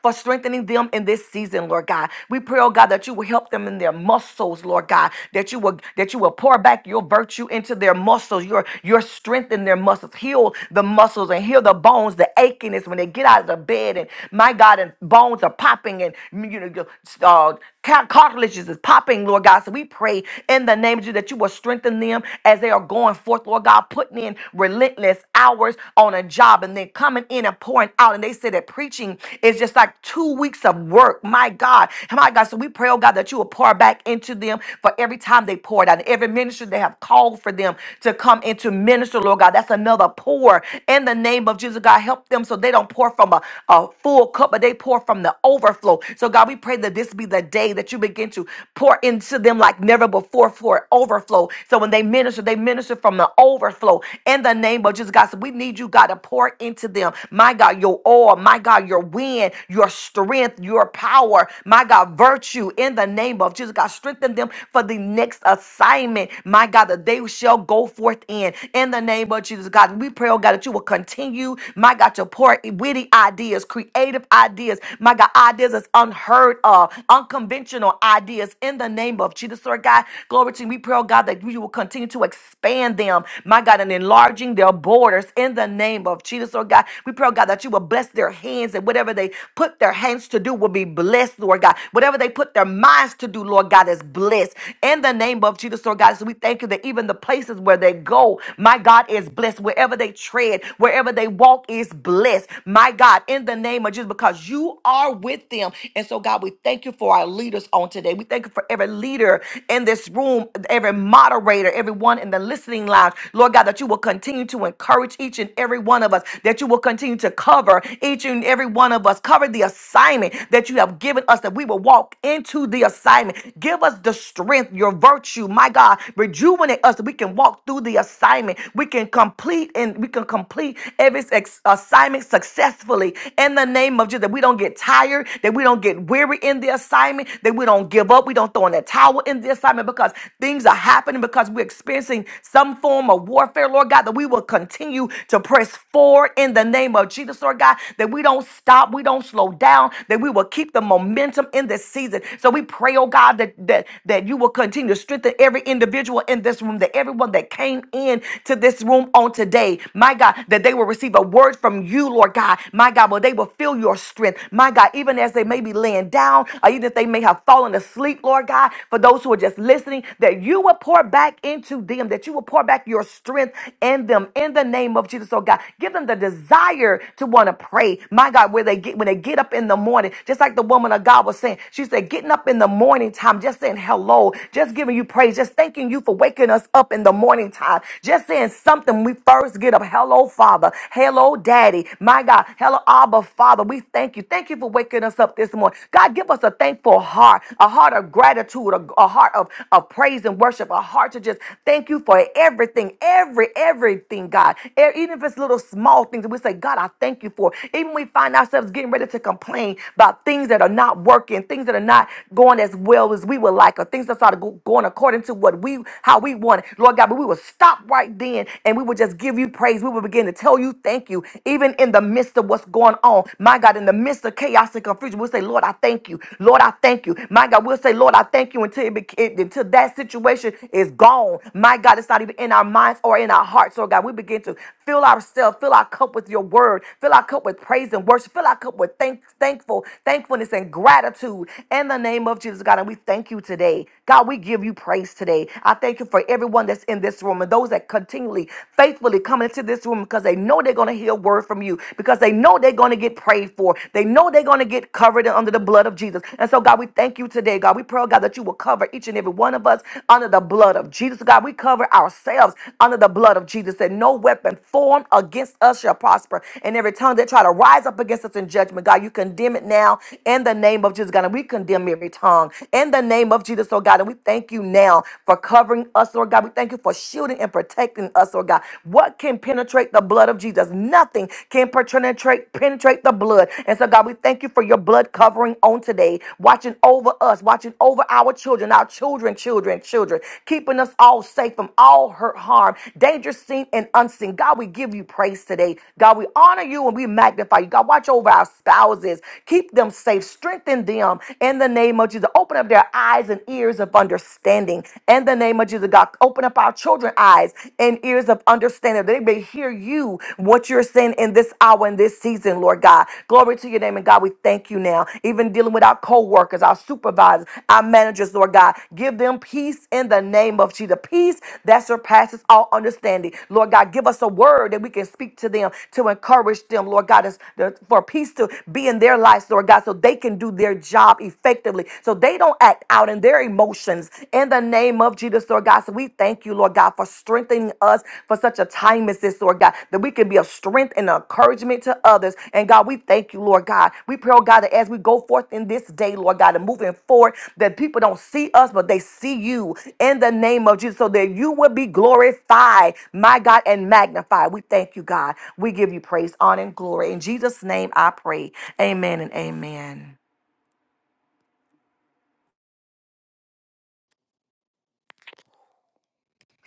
for strengthening them in this season, Lord God. We pray, oh God, that you will help them in their muscles, Lord God, that you will that you will pour back your virtue into their muscles, your your strength in their muscles, heal the muscles and heal the bones, the achiness when they get out of the bed, and my God, and bones are popping and you know uh, Car- Cartilages is popping, Lord God. So we pray in the name of Jesus that you will strengthen them as they are going forth, Lord God, putting in relentless hours on a job and then coming in and pouring out. And they say that preaching is just like two weeks of work. My God, my God. So we pray, oh God, that you will pour back into them for every time they poured out, every ministry they have called for them to come into minister, Lord God. That's another pour in the name of Jesus, God. Help them so they don't pour from a, a full cup, but they pour from the overflow. So, so, God, we pray that this be the day that you begin to pour into them like never before for overflow. So, when they minister, they minister from the overflow in the name of Jesus, God. So, we need you, God, to pour into them. My God, your oil, my God, your wind, your strength, your power, my God, virtue in the name of Jesus, God. Strengthen them for the next assignment, my God, that they shall go forth in. In the name of Jesus, God, we pray, oh God, that you will continue, my God, to pour witty ideas, creative ideas ideas. My God, ideas is unheard of, unconventional ideas in the name of Jesus, Lord God. Glory to you. We pray, oh God, that you will continue to expand them, my God, and enlarging their borders in the name of Jesus, Lord God. We pray, oh God, that you will bless their hands and whatever they put their hands to do will be blessed, Lord God. Whatever they put their minds to do, Lord God, is blessed in the name of Jesus, Lord God. So we thank you that even the places where they go, my God, is blessed. Wherever they tread, wherever they walk is blessed. My God, in the name of Jesus because you are with them. And so, God, we thank you for our leaders on today. We thank you for every leader in this room, every moderator, everyone in the listening lounge. Lord God, that you will continue to encourage each and every one of us, that you will continue to cover each and every one of us, cover the assignment that you have given us, that we will walk into the assignment. Give us the strength, your virtue, my God, rejuvenate us that we can walk through the assignment. We can complete and we can complete every ex- assignment assignment successfully in the name of Jesus. That we don't get tired, that we don't get weary in the assignment, that we don't give up, we don't throw in the towel in the assignment because things are happening, because we're experiencing some form of warfare, Lord God, that we will continue to press forward in the name of Jesus, Lord God, that we don't stop, we don't slow down, that we will keep the momentum in this season. So we pray, oh God, that that, that you will continue to strengthen every individual in this room, that everyone that came in to this room on today, my God, God, that they will receive a word from you, Lord God. My God, well, they will feel your strength. My God, even as they may be laying down, or even if they may have fallen asleep, Lord God, for those who are just listening, that you will pour back into them, that you will pour back your strength in them in the name of Jesus, oh God. Give them the desire to want to pray. My God, where they get when they get up in the morning, just like the woman of God was saying, she said, getting up in the morning time, just saying hello, just giving you praise, just thanking you for waking us up in the morning time, just saying something when we first get up. Hello, Father. Hello, Daddy. My God. Hello, Abba, Father. We thank you. Thank you for waking us up this morning. God, give us a thankful heart, a heart of gratitude, a, a heart of, of praise and worship, a heart to just thank you for everything, every, everything, God. E- Even if it's little small things that we say, God, I thank you for. Even we find ourselves getting ready to complain about things that are not working, things that are not going as well as we would like, or things that's not go- going according to what we how we want. it. Lord God, but we will stop right then and we would just give you praise. We would begin to tell you thank you, even in the midst of what's going on. My God, in the midst of chaos and confusion, we'll say, Lord, I thank you. Lord, I thank you. My God, we'll say, Lord, I thank you until, it, bec- it- until that situation is gone. My God, it's not even in our minds or in our hearts. So, God, we begin to fill ourselves, fill our cup with your word, fill our cup with praise and worship, fill our cup with thank, thankful, thankfulness and gratitude in the name of Jesus, God. And we thank you today. God, we give you praise today. I thank you thank you for everyone that's in this room and those that continually, faithfully come into this room because they know they're going to hear a word from you, because they know they're going to get prayed for. They know they're going to get covered under the blood of Jesus. And so, God, we thank you today, God. We pray, oh God, that you will cover each and every one of us under the blood of Jesus. God, we cover ourselves under the blood of Jesus that no weapon formed against us shall prosper. And every tongue that try to rise up against us in judgment, God, you condemn it now in the name of Jesus, God. And we condemn every tongue in the name of Jesus, oh God. And we thank you you now for covering us, Lord God. We thank you for shielding and protecting us, Lord God. What can penetrate the blood of Jesus? Nothing can penetrate penetrate the blood. And so, God, we thank you for your blood covering on today, watching over us, watching over our children, our children, children, children, keeping us all safe from all hurt, harm, danger seen and unseen. God, we give you praise today. God, we honor you and we magnify you. God, watch over our spouses, keep them safe, strengthen them in the name of Jesus. Open up their eyes eyes and ears of understanding. In the name of Jesus, God, open up our children's eyes and ears of understanding. that They may hear you, what you're saying in this hour and this season, Lord God. Glory to your name. And God, we thank you now. Even dealing with our co-workers, our supervisors, our managers, Lord God. Give them peace in the name of Jesus. Peace that surpasses all understanding. Lord God, give us a word that we can speak to them to encourage them, Lord God, is- for peace to be in their lives, Lord God, so they can do their job effectively effectively so they don't act out in their emotions in the name of Jesus, Lord God. So we thank you, Lord God, for strengthening us for such a time as this, Lord God, that we can be a strength and an encouragement to others. And God, we thank you, Lord God. We pray, oh God, that as we go forth in this day, Lord God, and moving forward, that people don't see us, but they see you in the name of Jesus, so that you will be glorified, my God, and magnified. We thank you, God. We give you praise, honor, and glory. In Jesus' name I pray. Amen and amen.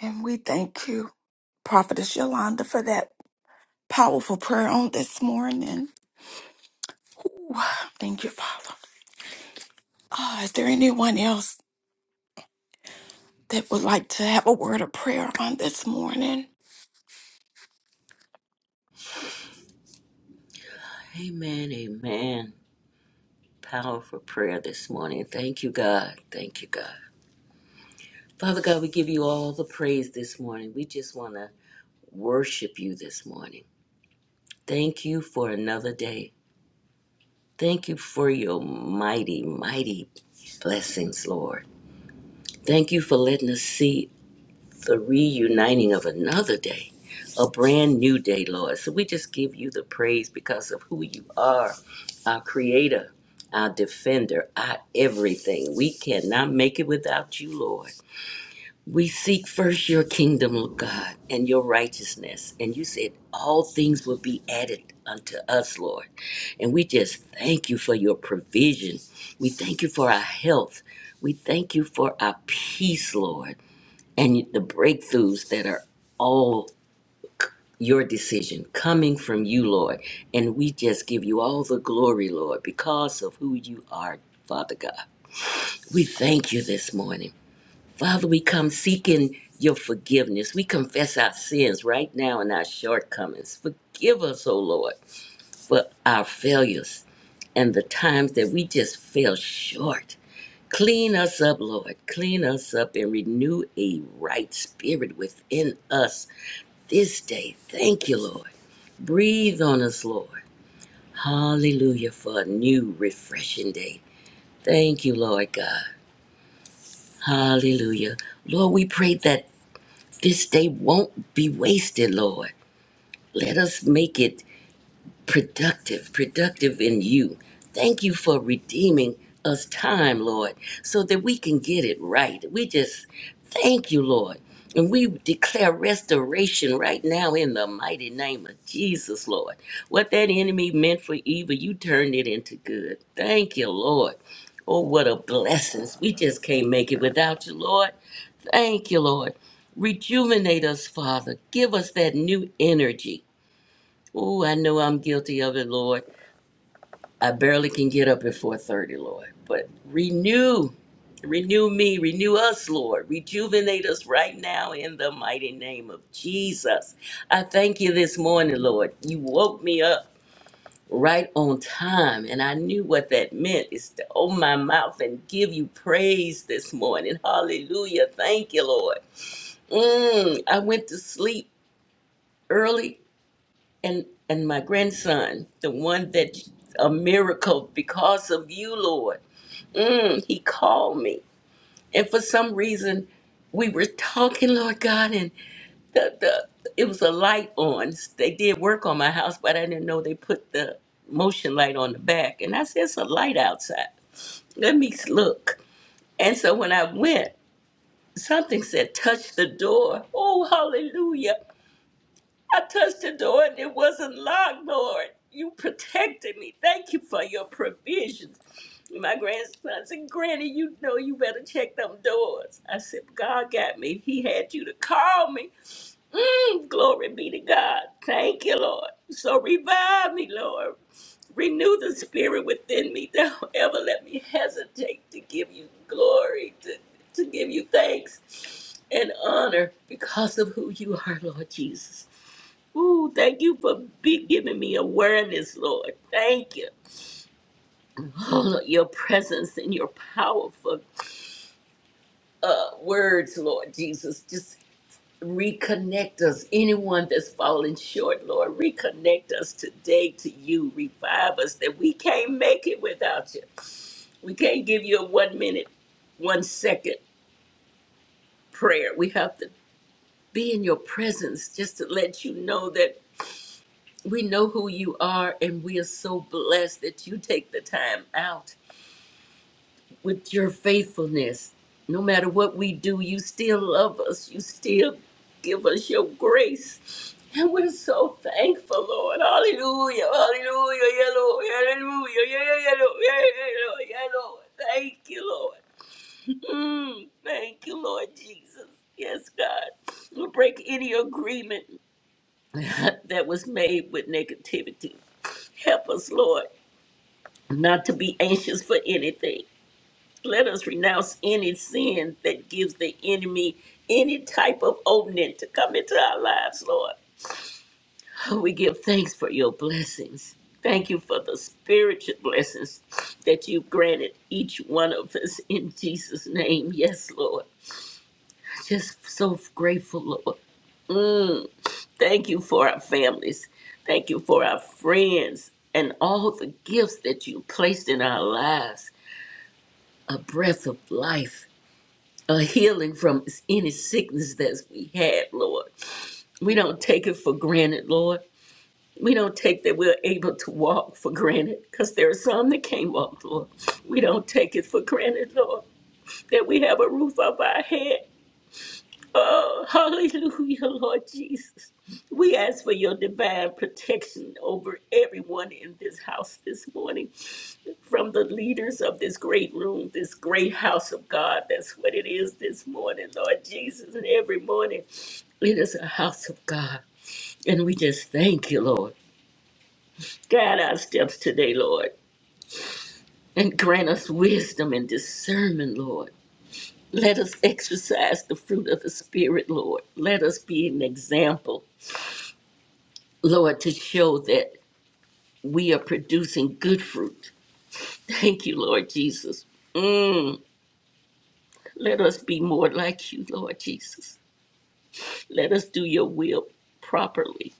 And we thank you, Prophetess Yolanda, for that powerful prayer on this morning. Ooh, thank you, Father. Ah, is there anyone else that would like to have a word of prayer on this morning?
Amen, amen. Powerful prayer this morning. Thank you, God. Thank you, God. Father God, we give you all the praise this morning. We just want to worship you this morning. Thank you for another day. Thank you for your mighty, mighty blessings, Lord. Thank you for letting us see the reuniting of another day, a brand new day, Lord. So we just give you the praise because of who you are, our creator, our defender, our everything. We cannot make it without you, Lord. We seek first your kingdom, Lord God, and your righteousness. And you said all things will be added unto us, Lord. And we just thank you for your provision. We thank you for our health. We thank you for our peace, Lord and the breakthroughs that are all your decision coming from you, Lord. And we just give you all the glory, Lord, because of who you are, Father God. We thank you this morning. Father, we come seeking your forgiveness. We confess our sins right now and our shortcomings. Forgive us, O Lord, for our failures and the times that we just fell short. Clean us up, Lord. Clean us up and renew a right spirit within us this day. Thank you, Lord. Breathe on us, Lord. Hallelujah for a new, refreshing day. Thank you, Lord God. Hallelujah. Lord, we pray that this day won't be wasted, Lord. Let us make it productive, productive in you. Thank you for redeeming us time, Lord, so that we can get it right. We just thank you, Lord. And we declare restoration right now in the mighty name of Jesus, Lord. What that enemy meant for evil, you turned it into good. Thank you, Lord. Oh, what a blessing. We just can't make it without you, Lord. Thank you, Lord. Rejuvenate us, Father. Give us that new energy. Oh, I know I'm guilty of it, Lord. I barely can get up at 4:30, Lord. But renew, renew me, renew us, Lord. Rejuvenate us right now in the mighty name of Jesus. I thank you this morning, Lord. You woke me up right on time, and I knew what that meant is to open my mouth and give you praise this morning. Hallelujah. Thank you, Lord. Mm, I went to sleep early and and my grandson, the one that a miracle because of you, Lord. Mm, he called me, and for some reason, we were talking, Lord God, and the the it was a light on. They did work on my house, but I didn't know they put the motion light on the back, and I said, "It's a light outside. Let me look." And so when I went, something said, "Touch the door." Oh, hallelujah! I touched the door and it wasn't locked, Lord. You protected me. Thank you for your provisions. My grandson said, Granny, you know you better check them doors. I said, God got me. He had you to call me. Mm, glory be to God. Thank you, Lord. So revive me, Lord. Renew the spirit within me. Don't ever let me hesitate to give you glory, to, to give you thanks and honor because of who you are, Lord Jesus. Ooh, thank you for be giving me awareness, Lord. Thank you. Oh, Lord, your presence and your powerful uh, words, Lord Jesus. Just reconnect us. Anyone that's fallen short, Lord, reconnect us today to you. Revive us that we can't make it without you. We can't give you a one minute, one second prayer. We have to be in your presence just to let you know that. we know who you are, and we are so blessed that you take the time out with your faithfulness. No matter what we do, you still love us. You still give us your grace. And we're so thankful, Lord. Hallelujah. Hallelujah. Yeah, Lord. Hallelujah. Yeah, yeah, yeah, Lord. Yeah, yeah, yeah, Lord. Yeah, Lord. Thank you, Lord. Mm, thank you, Lord Jesus. Yes, God. We'll break any agreement that was made with negativity. Help us, Lord. not to be anxious for anything. Let us renounce any sin that gives the enemy any type of opening to come into our lives, Lord. We give thanks for your blessings. Thank you for the spiritual blessings that you've granted each one of us in Jesus' name. Yes, Lord. Just so grateful, Lord. Mm. Thank you for our families. Thank you for our friends and all the gifts that you placed in our lives. a breath of life, a healing from any sickness that we had, Lord. We don't take it for granted, Lord. We don't take that we're able to walk for granted because there are some that can't walk, Lord. We don't take it for granted, Lord, that we have a roof over our head. Oh, hallelujah, Lord Jesus. We ask for your divine protection over everyone in this house this morning. from the leaders of this great room, this great house of God. That's what it is this morning, Lord Jesus. And every morning, it is a house of God. And we just thank you, Lord. Guide our steps today, Lord, and grant us wisdom and discernment, Lord. Let us exercise the fruit of the Spirit, Lord. Let us be an example, Lord, to show that we are producing good fruit. Thank you, Lord Jesus. Mm, let us be more like you, Lord Jesus. Let us do your will properly.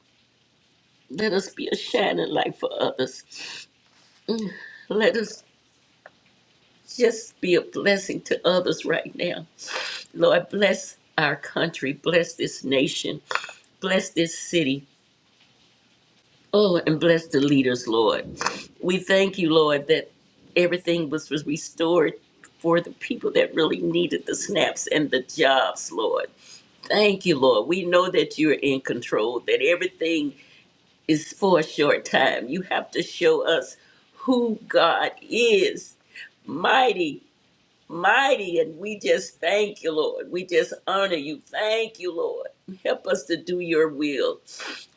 Let us be a shining light for others. Let us just be a blessing to others right now. Lord, bless our country, bless this nation, bless this city. Oh, and bless the leaders, Lord. We thank you, Lord, that everything was was restored for the people that really needed the snaps and the jobs, Lord. Thank you, Lord. We know that you're in control, that everything is for a short time. You have to show us who God is. Mighty, mighty. And we just thank you, Lord. We just honor you. Thank you, Lord. Help us to do your will.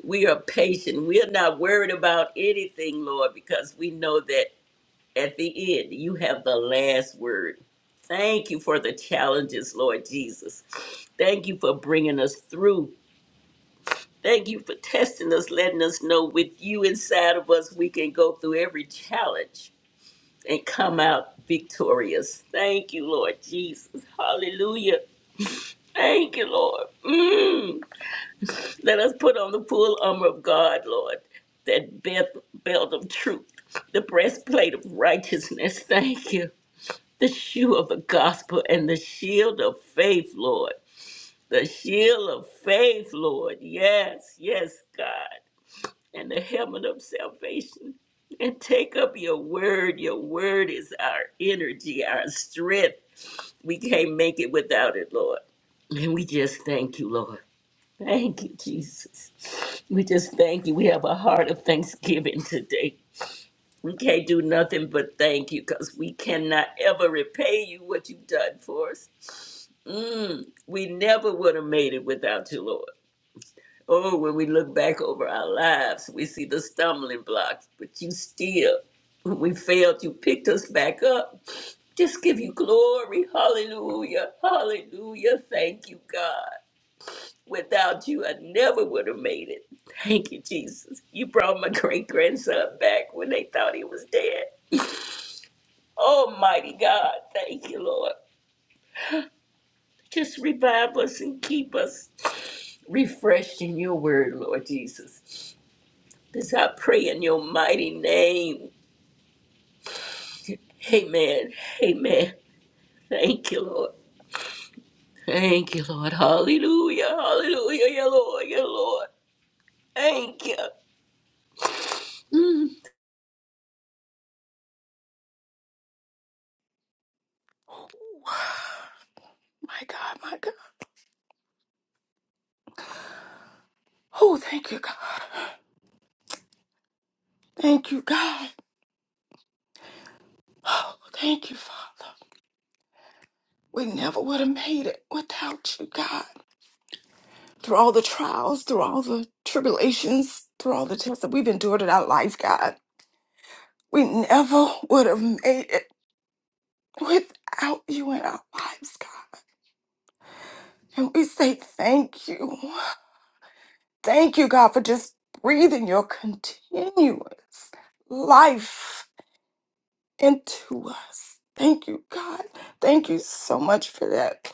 We are patient. We are not worried about anything, Lord, because we know that at the end, you have the last word. Thank you for the challenges, Lord Jesus. Thank you for bringing us through Thank you for testing us, letting us know with you inside of us, we can go through every challenge and come out victorious. Thank you, Lord Jesus. Hallelujah. Thank you, Lord. Mm. Let us put on the full armor of God, Lord, that belt, belt of truth, the breastplate of righteousness. Thank you. The shoe of the gospel and the shield of faith, Lord. The shield of faith, Lord. Yes, yes, God. and the helmet of salvation and take up your word. Your word is our energy, our strength. We can't make it without it, Lord. And we just thank you, Lord. Thank you, Jesus. We just thank you. We have a heart of thanksgiving today. We can't do nothing but thank you because we cannot ever repay you what you've done for us. Mm, we never would have made it without you, Lord. Oh, when we look back over our lives, we see the stumbling blocks, but you still, when we failed, you picked us back up. Just give you glory. Hallelujah. Hallelujah. Thank you, God. Without you, I never would have made it. Thank you, Jesus. You brought my great grandson back when they thought he was dead. Almighty God. Thank you, Lord. Just revive us and keep us refreshed in your word, Lord Jesus. This I pray in your mighty name. Amen. Amen. Thank you, Lord. Thank you, Lord. Hallelujah. Hallelujah. Yeah, Lord. Yeah, Lord. Thank you. Mm.
my God, my God. Oh, thank you, God. Thank you, God. Oh, thank you, Father. We never would have made it without you, God. Through all the trials, through all the tribulations, through all the tests that we've endured in our life, God. We never would have made it without you in our lives, God. And we say thank you. Thank you, God, for just breathing your continuous life into us. Thank you, God. Thank you so much for that.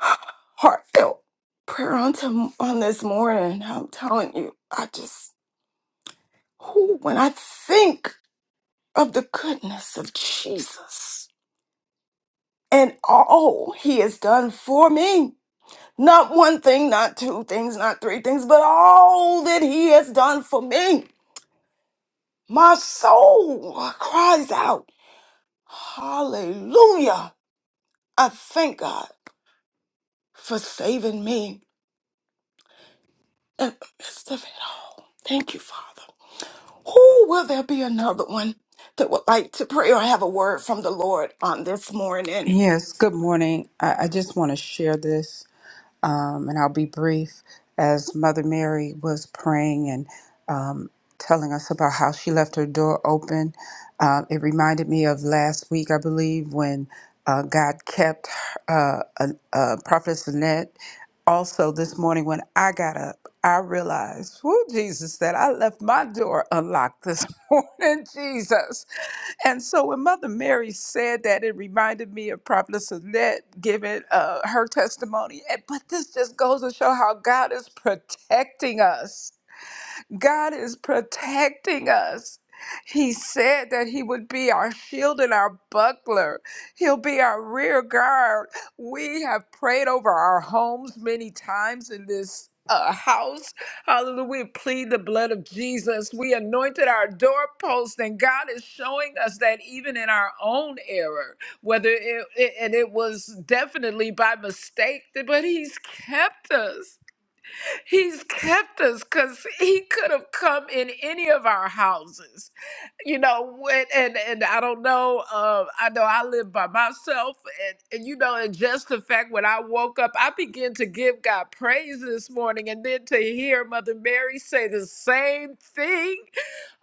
heartfelt prayer on, to, on this morning. I'm telling you, I just, who, when I think of the goodness of Jesus and all he has done for me, not one thing, not two things, not three things, but all that he has done for me, my soul cries out, Hallelujah. I thank God for saving me in the midst of it all. Thank you, Father. Who will there be another one that would like to pray or have a word from the Lord on this morning?
Yes, good morning. I, I just want to share this, um, and I'll be brief. As Mother Mary was praying and um, telling us about how she left her door open, uh, it reminded me of last week, I believe, when uh, God kept uh, uh, uh, Prophetess Annette. Also, this morning when I got up, I realized, whoo, Jesus, that I left my door unlocked this morning, Jesus. And so when Mother Mary said that, it reminded me of Prophetess Annette giving uh, her testimony. And- But this just goes to show how God is protecting us God is protecting us. He said that He would be our shield and our buckler. He'll be our rear guard. We have prayed over our homes many times in this uh, house. Hallelujah. We plead the blood of Jesus. We anointed our doorpost, and God is showing us that even in our own error, whether it, it and it was definitely by mistake, but He's kept us. He's kept us because he could have come in any of our houses, you know. When, and and I don't know. Uh, I know I live by myself, and, and you know, and just the fact when I woke up, I began to give God praise this morning, and then to hear Mother Mary say the same thing.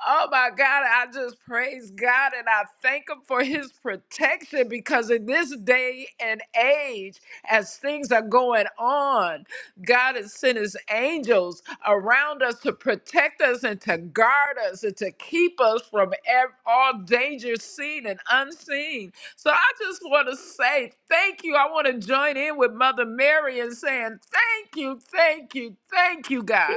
Oh my God! I just praise God and I thank Him for His protection because in this day and age, as things are going on. God has sent his angels around us to protect us and to guard us and to keep us from ev- all danger seen and unseen. So I just want to say thank you. I want to join in with Mother Mary and saying thank you, thank you, thank you, God.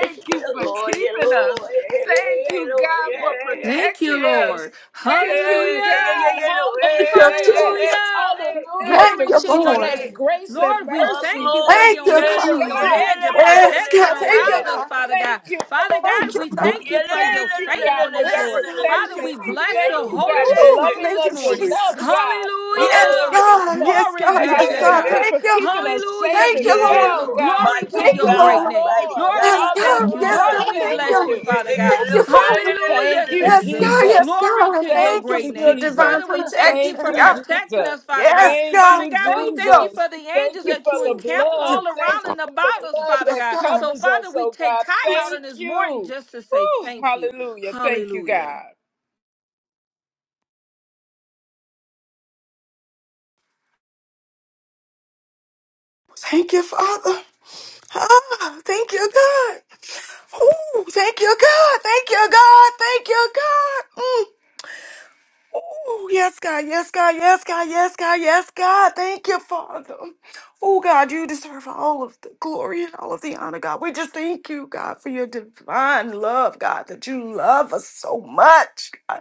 Yeah,
you for
Lord. Yeah,
keeping us.
Lord. Yeah, yeah,
Thank
yeah,
you,
Lord.
God,
Yeah,
for
yeah,
Thank you,
protecting
yeah.
us.
Lord.
Yeah,
Thank you,
yeah, yeah, yeah,
Hallelujah.
God.
yeah, Lord.
Thank you,
Hey, hey,
Jesus.
Hallelujah.
hey,
Hallelujah.
hey.
Hallelujah
Hey,
Thank
for
Glory
you,
to
hey.
your
showing
Lord.
us
Yeah.
name.
grace and
Lord, we
Oh,
mercy.
thank you for
glory.
Thank
Thank
your
you,
Yeah,
you,
hand and
Lord.
God.
your
Yeah, la,
God.
la,
head,
la,
your
la, la, la,
Yes,
la,
protection
God.
la, la,
Thank
Lord,
la,
you,
Hallelujah.
around
la.
us,
God.
Father God.
Thank you,
Father
Lord.
Thank
God,
you,
we
Lord,
God.
thank
We
Yeah,
you
la,
for
la, la,
your
thank
la,
you,
la,
Lord,
la,
we
la,
God,
la, la, la,
have
for
faithfulness,
to
your
do
Yes,
Lord.
la, la,
God.
that.
la,
Thank
Father,
you,
protection.
we
la.
Thank
Father.
We
bless
Yeah,
thank
your
Lord.
you.
you,
holy
God,
Hey,
for
hey,
name
Oh,
on
hey.
loving
thank
this
you,
us
morning.
for what you
enough,
Jesus.
God.
Yes,
Hallelujah.
Glory.
God.
Hallelujah.
Yes,
Glory
have
God.
be
Hey,
Yes,
to
hey,
God.
me here.
Hallelujah
hey.
God.
Thank
for
you.
keeping
God, I
us safe
Hallelujah,
Thank
and
you,
Jesus.
Yeah,
Lord.
sound,
Lord.
God.
Glory to
Mighty
Thank
your
Thank
you,
have
you,
great
Lord.
God.
name.
Mighty
Lord.
Lord, we
Yes,
God.
God.
Mighty
thank you.
Yes,
Lord,
Hallelujah.
God.
blessed
God.
we
Yeah,
Thank
Thank
bless
you.
you,
Lord.
you.
Yeah,
Father
you.
God.
Thank you,
yeah,
Father.
Hallelujah,
Thank you,
yeah,
Yes,
Jesus.
Lord.
Hallelujah.
God. Yes,
Jesus.
Glory
God.
to your
Thank
Thank
you
great
you,
for your
name.
divine
Father,
Jesus.
we thank you
Thank
protection,
for
you,
God.
protecting
Jesus.
us, Father God.
Yes,
Thank
God.
Father
you,
God, we
Thank
thank you
you.
Jesus.
for the
Thank
angels
you
that
for
you
the
encamped
blood.
all
Thank
around
you
and
for the
about us,
blood
Father
that
God. So,
covers
Father,
us,
we
oh
take
God.
time out on
Thank
this morning
you.
just to say
Woo,
thank you.
hallelujah. Thank you,
Hallelujah.
God.
Thank you, Father. Ah, thank you, God. Ooh, thank you, God. Thank you, God. Thank you, God. Mm. Oh, yes, God, yes, God, yes, God, yes, God, yes, God. Thank you, Father. Oh, God, you deserve all of the glory and all of the honor, God. We just thank you, God, for your divine love, God, that you love us so much. God.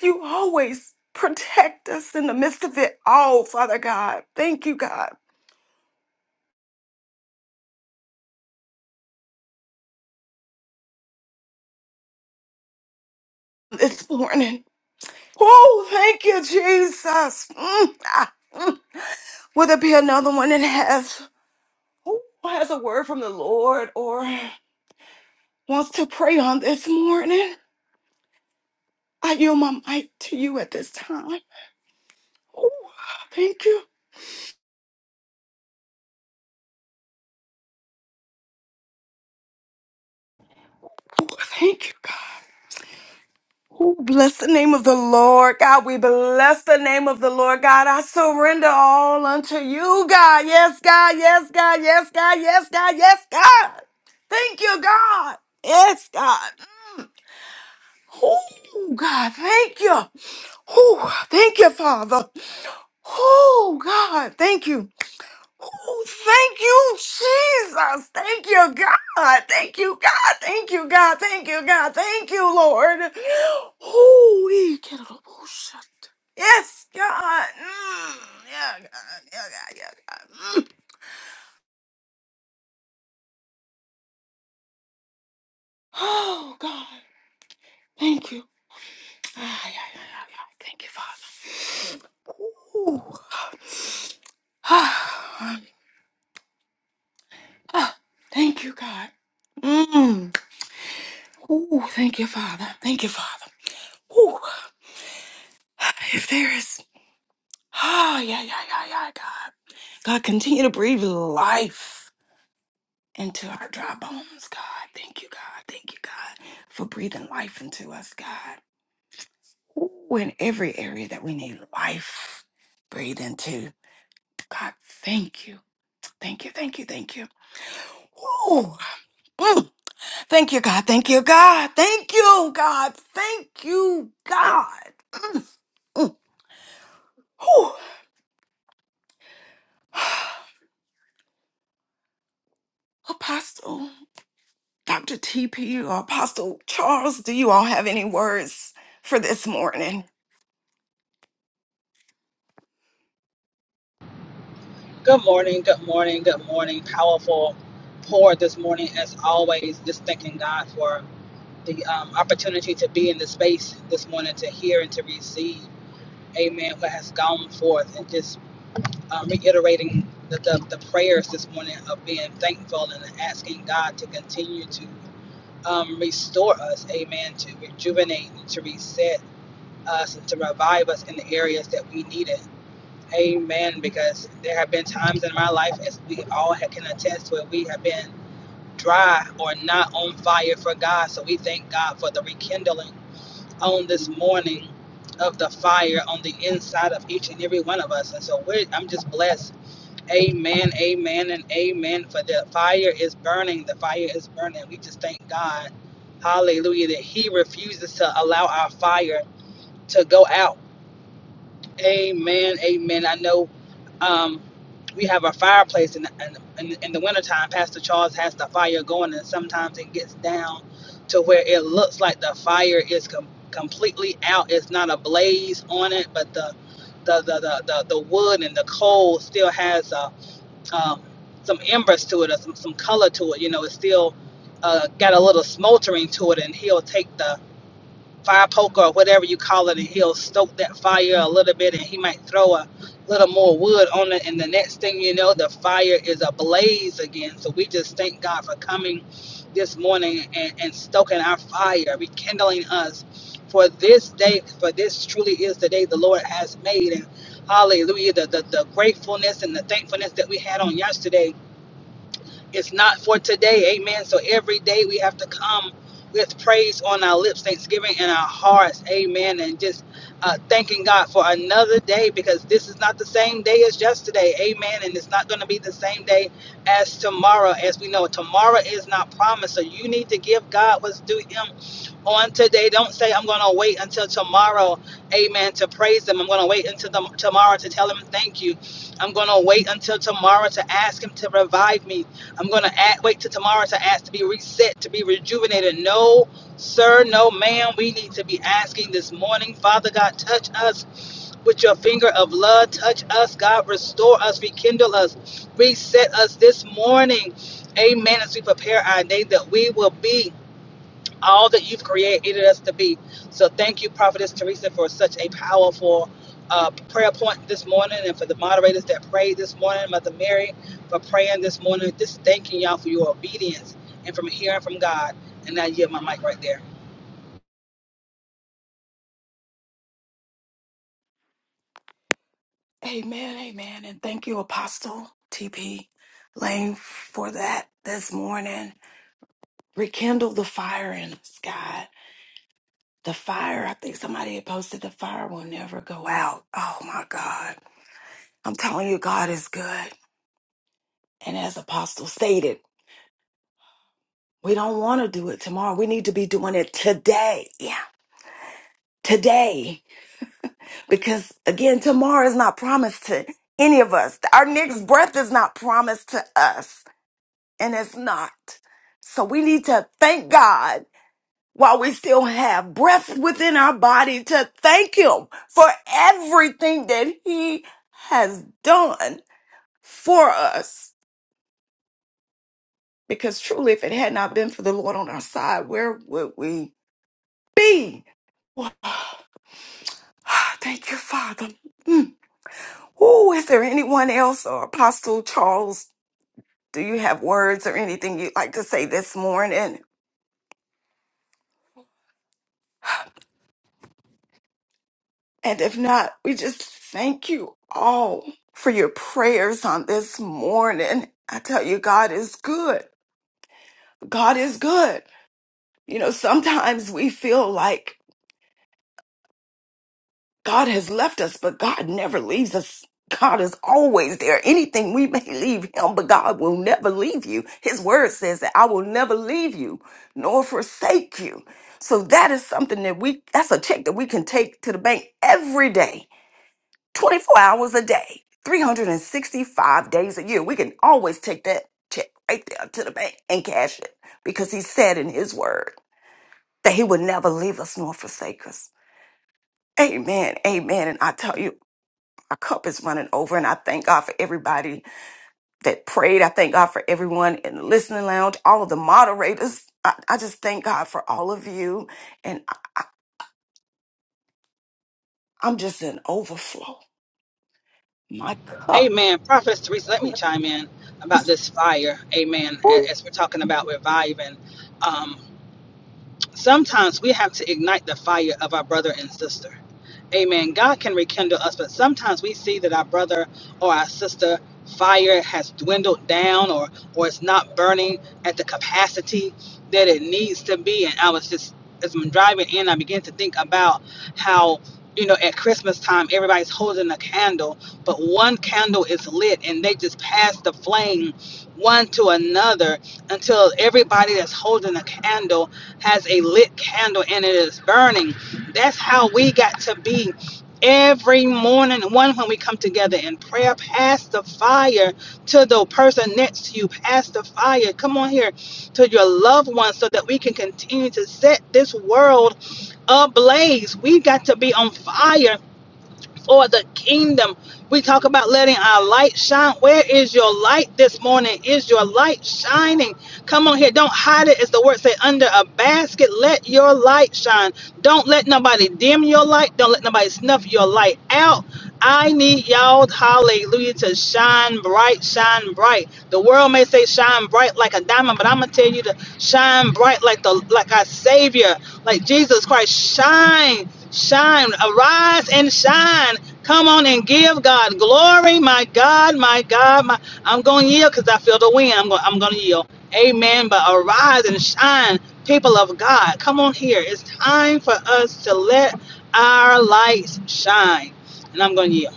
You always protect us in the midst of it all, Father God. Thank you, God, this morning. Oh, thank you, Jesus. Mm, ah, mm. Will there be another one that has, who has a word from the Lord or? wants to pray on this morning, I yield my mic to you at this time. Ooh, thank you. Ooh, thank you, God. Ooh, bless the name of the Lord, God. We bless the name of the Lord, God. I surrender all unto you, God. Yes, God. Yes, God. Yes, God. Yes, God. Yes, God. Thank you, God. Yes, God. Mm. Oh, God. Thank you. Oh, thank you, Father. Oh, God. Thank you. Oh, thank you, Jesus. Thank you, God. Thank you, God. Thank you, God. Thank you, God. Thank you, Lord. Holy bullshit. Yes, God. Mm, yeah, God. Yeah, God. Yeah, God. Mm. Oh, God. Thank you. Ah, yeah, yeah, yeah, yeah. Thank you, Father. Ooh. Ah, ah, thank you, God. Mm. Ooh, thank you, Father. Thank you, Father. Ooh. If there is, oh, yeah, yeah, yeah, yeah, God. God, continue to breathe life into our dry bones, God. Thank you, God. Thank you, God, for breathing life into us, God. Ooh, in every area that we need life, breathe into. God, thank you. Thank you, thank you, thank you. Ooh, mm. Thank you, God. Thank you, God. Thank you, God. Thank you, God. Mm. Ooh, Apostle. Dr. TP or Apostle Charles, do you all have any words for this morning?
Good morning, good morning, good morning. Powerful pour this morning, as always. Just thanking God for the um, opportunity to be in the space this morning to hear and to receive. Amen. What has gone forth, and just um, reiterating the, the, the prayers this morning of being thankful and asking God to continue to um, restore us. Amen. To rejuvenate and to reset us and to revive us in the areas that we need it. Amen. Because there have been times in my life, as we all can attest, where we have been dry or not on fire for God. So we thank God for the rekindling on this morning of the fire on the inside of each and every one of us. And so we're, I'm just blessed. Amen, amen, and amen. For the fire is burning. The fire is burning. We just thank God. Hallelujah. That He refuses to allow our fire to go out Amen. Amen. I know um, we have a fireplace in, in, in the wintertime. Pastor Charles has the fire going, and sometimes it gets down to where it looks like the fire is com- completely out. It's not a blaze on it, but the the, the, the, the, the wood and the coal still has uh, um, some embers to it or some, some color to it. You know, it's still uh, got a little smoldering to it, and he'll take the fire poker or whatever you call it, and he'll stoke that fire a little bit, and he might throw a little more wood on it, and the next thing you know, the fire is ablaze again. So we just thank God for coming this morning and, and stoking our fire, rekindling us for this day, for this truly is the day the Lord has made. And hallelujah, the, the, the gratefulness and the thankfulness that we had on yesterday it's not for today. Amen. So every day we have to come with praise on our lips, thanksgiving in our hearts. Amen. And just uh, thanking God for another day because this is not the same day as yesterday. Amen. And it's not going to be the same day as tomorrow. As we know, tomorrow is not promised. So you need to give God what's due Him on today. Don't say, I'm going to wait until tomorrow. Amen. To praise Him. I'm going to wait until the, tomorrow to tell Him thank you. I'm going to wait until tomorrow to ask Him to revive me. I'm gonna act, wait till tomorrow to ask to be reset, to be rejuvenated. No, sir, no, ma'am. We need to be asking this morning, Father God, touch us with your finger of love. Touch us, God, restore us, rekindle us, reset us this morning. Amen. As we prepare our day, that we will be all that you've created us to be. So thank you, Prophetess Teresa, for such a powerful uh, prayer point this morning and for the moderators that prayed this morning, Mother Mary, for praying this morning. Just thanking y'all for your obedience and from hearing from God. And now you my mic right there.
Amen, amen. And thank you, Apostle TP Lane, for that this morning. Rekindle the fire in us, God. The fire, I think somebody had posted the fire will never go out. Oh my God. I'm telling you, God is good. And as Apostle stated, we don't want to do it tomorrow. We need to be doing it today. Yeah, today. because again, tomorrow is not promised to any of us. Our next breath is not promised to us, and it's not. So we need to thank God while we still have breath within our body to thank Him for everything that He has done for us. Because truly, if it had not been for the Lord on our side, where would we be? Thank you, Father. Mm. Ooh, is there anyone else or Apostle Charles Do you have words or anything you'd like to say this morning? And if not, we just thank you all for your prayers on this morning. I tell you, God is good. God is good. You know, sometimes we feel like God has left us, but God never leaves us. God is always there. Anything we may leave him, but God will never leave you. His word says that I will never leave you nor forsake you. So that is something that we, that's a check that we can take to the bank every day, 24 hours a day, 365 days a year. We can always take that check right there to the bank and cash it because he said in his word that he would never leave us nor forsake us. Amen. Amen. And I tell you, our cup is running over. And I thank God for everybody that prayed. I thank God for everyone in the listening lounge, all of the moderators. I, I just thank God for all of you. And I, I, I'm just in overflow. My cup.
Amen. Prophetess Teresa, let me chime in about this fire. Amen. As we're talking about reviving. um, Sometimes we have to ignite the fire of our brother and sister. Amen. God can rekindle us, but sometimes we see that our brother or our sister fire has dwindled down or or it's not burning at the capacity that it needs to be. And I was just as I'm driving in, I began to think about how you know at Christmas time everybody's holding a candle, but one candle is lit and they just pass the flame one to another until everybody that's holding a candle has a lit candle and it is burning. That's how we got to be every morning. One, when we come together in prayer, pass the fire to the person next to you. Pass the fire. Come on here to your loved ones so that we can continue to set this world ablaze. We got to be on fire for the kingdom. We talk about letting our light shine. Where is your light this morning? Is your light shining? Come on here. Don't hide it, as the word say, under a basket. Let your light shine. Don't let nobody dim your light. Don't let nobody snuff your light out. I need y'all, hallelujah, to shine bright, shine bright. The world may say shine bright like a diamond, but I'm gonna tell you to shine bright like the like our Savior. Like Jesus Christ, shine, shine, arise and shine. Come on and give God glory. My God, my God, my I'm gonna yield because I feel the wind. I'm going I'm gonna yield. Amen. But arise and shine, people of God. Come on here. It's time for us to let our lights shine. And I'm gonna yield.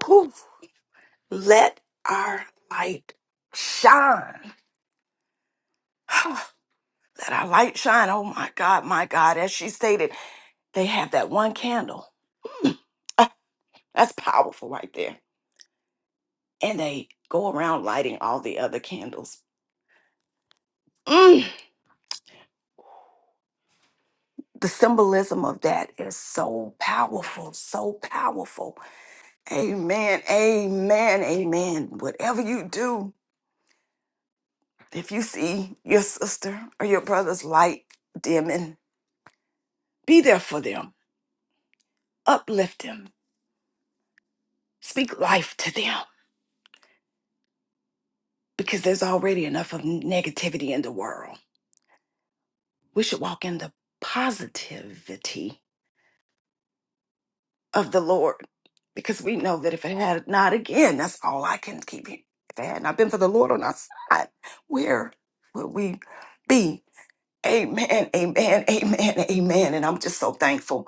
Poof. Let our light shine. Let our light shine. Oh my God, my God. As she stated, they have that one candle. Hmm. Ah, That's powerful right there. And they go around lighting all the other candles. Mm. the symbolism of that is so powerful, so powerful. Amen, amen, amen. Whatever you do, if you see your sister or your brother's light dimming, be there for them, uplift them, speak life to them, because there's already enough of negativity in the world. We should walk in the positivity of the Lord because we know that if it had not again, that's all I can keep it. If it had not been for the Lord on our side, where would we be? Amen, amen, amen, amen. And I'm just so thankful.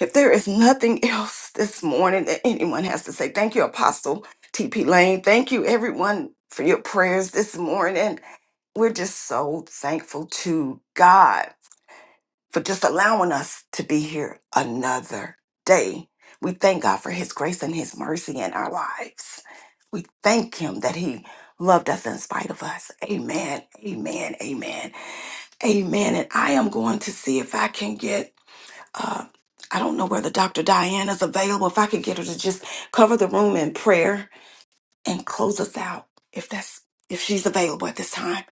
If there is nothing else this morning that anyone has to say, thank you, Apostle TP Lane. Thank you, everyone, for your prayers this morning. We're just so thankful to God for just allowing us to be here another day. We thank God for His grace and His mercy in our lives. We thank Him that He loved us in spite of us. Amen. Amen. Amen. Amen. And I am going to see if I can get. Uh, I don't know whether Dr. Diane is available. If I could get her to just cover the room in prayer and close us out, if that's if she's available at this time.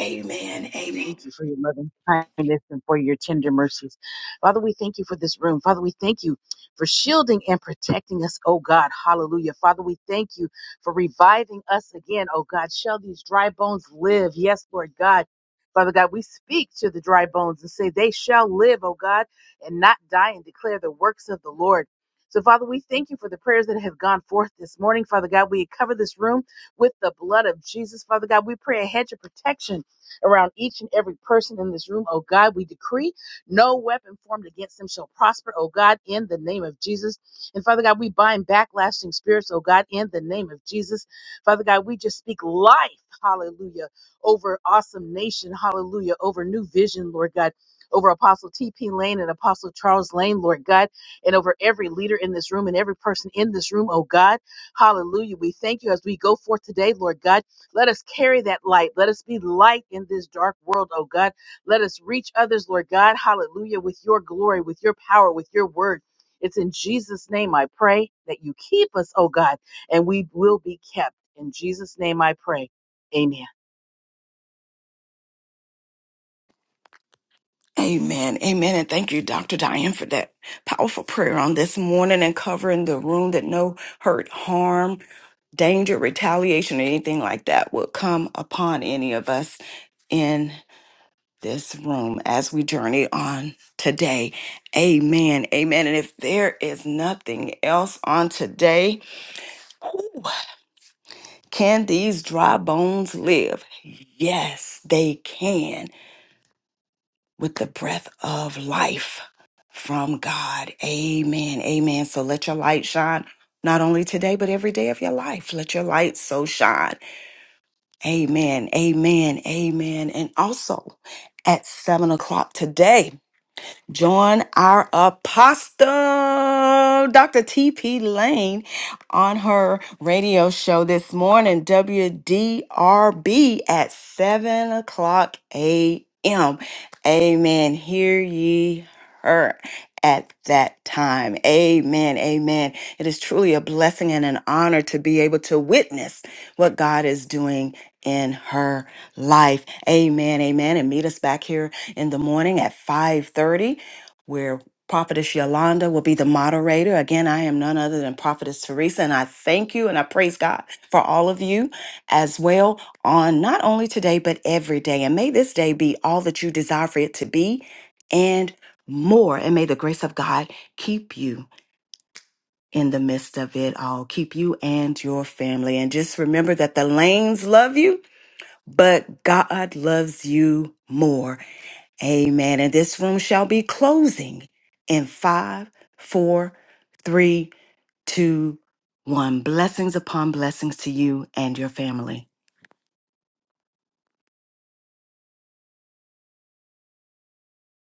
Amen. Amen.
Thank you for your loving kindness and for your tender mercies. Father, we thank you for this room. Father, we thank you for shielding and protecting us, oh God. Hallelujah. Father, we thank you for reviving us again, oh God. Shall these dry bones live? Yes, Lord God. Father God, we speak to the dry bones and say, They shall live, oh God, and not die and declare the works of the Lord. So, Father, we thank you for the prayers that have gone forth this morning. Father God, we cover this room with the blood of Jesus. Father God, we pray a hedge of protection around each and every person in this room. Oh God, we decree no weapon formed against them shall prosper. Oh God, in the name of Jesus. And Father God, we bind backlashing spirits. Oh God, in the name of Jesus. Father God, we just speak life. Hallelujah. Over awesome nation. Hallelujah. Over new vision, Lord God. Over Apostle T.P. Lane and Apostle Charles Lane, Lord God, and over every leader in this room and every person in this room, oh God. Hallelujah. We thank you as we go forth today, Lord God. Let us carry that light. Let us be light in this dark world, oh God. Let us reach others, Lord God. Hallelujah. With your glory, with your power, with your word. It's in Jesus' name I pray that you keep us, oh God, and we will be kept. In Jesus' name I pray. Amen.
Amen. Amen. And thank you, Dr. Diane, for that powerful prayer on this morning and covering the room that no hurt, harm, danger, retaliation, or anything like that will come upon any of us in this room as we journey on today. Amen. Amen. And if there is nothing else on today, whew, can these dry bones live? Yes, they can. with the breath of life from God. Amen. Amen. So let your light shine not only today, but every day of your life. Let your light so shine. Amen. Amen. Amen. And also at seven o'clock today. Join our apostle, Dr. T.P. Lane, on her radio show this morning, WDRB, at 7 o'clock a.m. Amen. Hear ye her at that time. Amen. Amen. It is truly a blessing and an honor to be able to witness what God is doing in her life. Amen. Amen. And meet us back here in the morning at 5:30 where Prophetess Yolanda will be the moderator. Again, I am none other than Prophetess Teresa, and I thank you and I praise God for all of you as well on not only today, but every day. And may this day be all that you desire for it to be and more. And may the grace of God keep you in the midst of it all, keep you and your family. And just remember that the lanes love you, but God loves you more. Amen. And this room shall be closing in five, four, three, two, one. Blessings upon blessings to you and your family.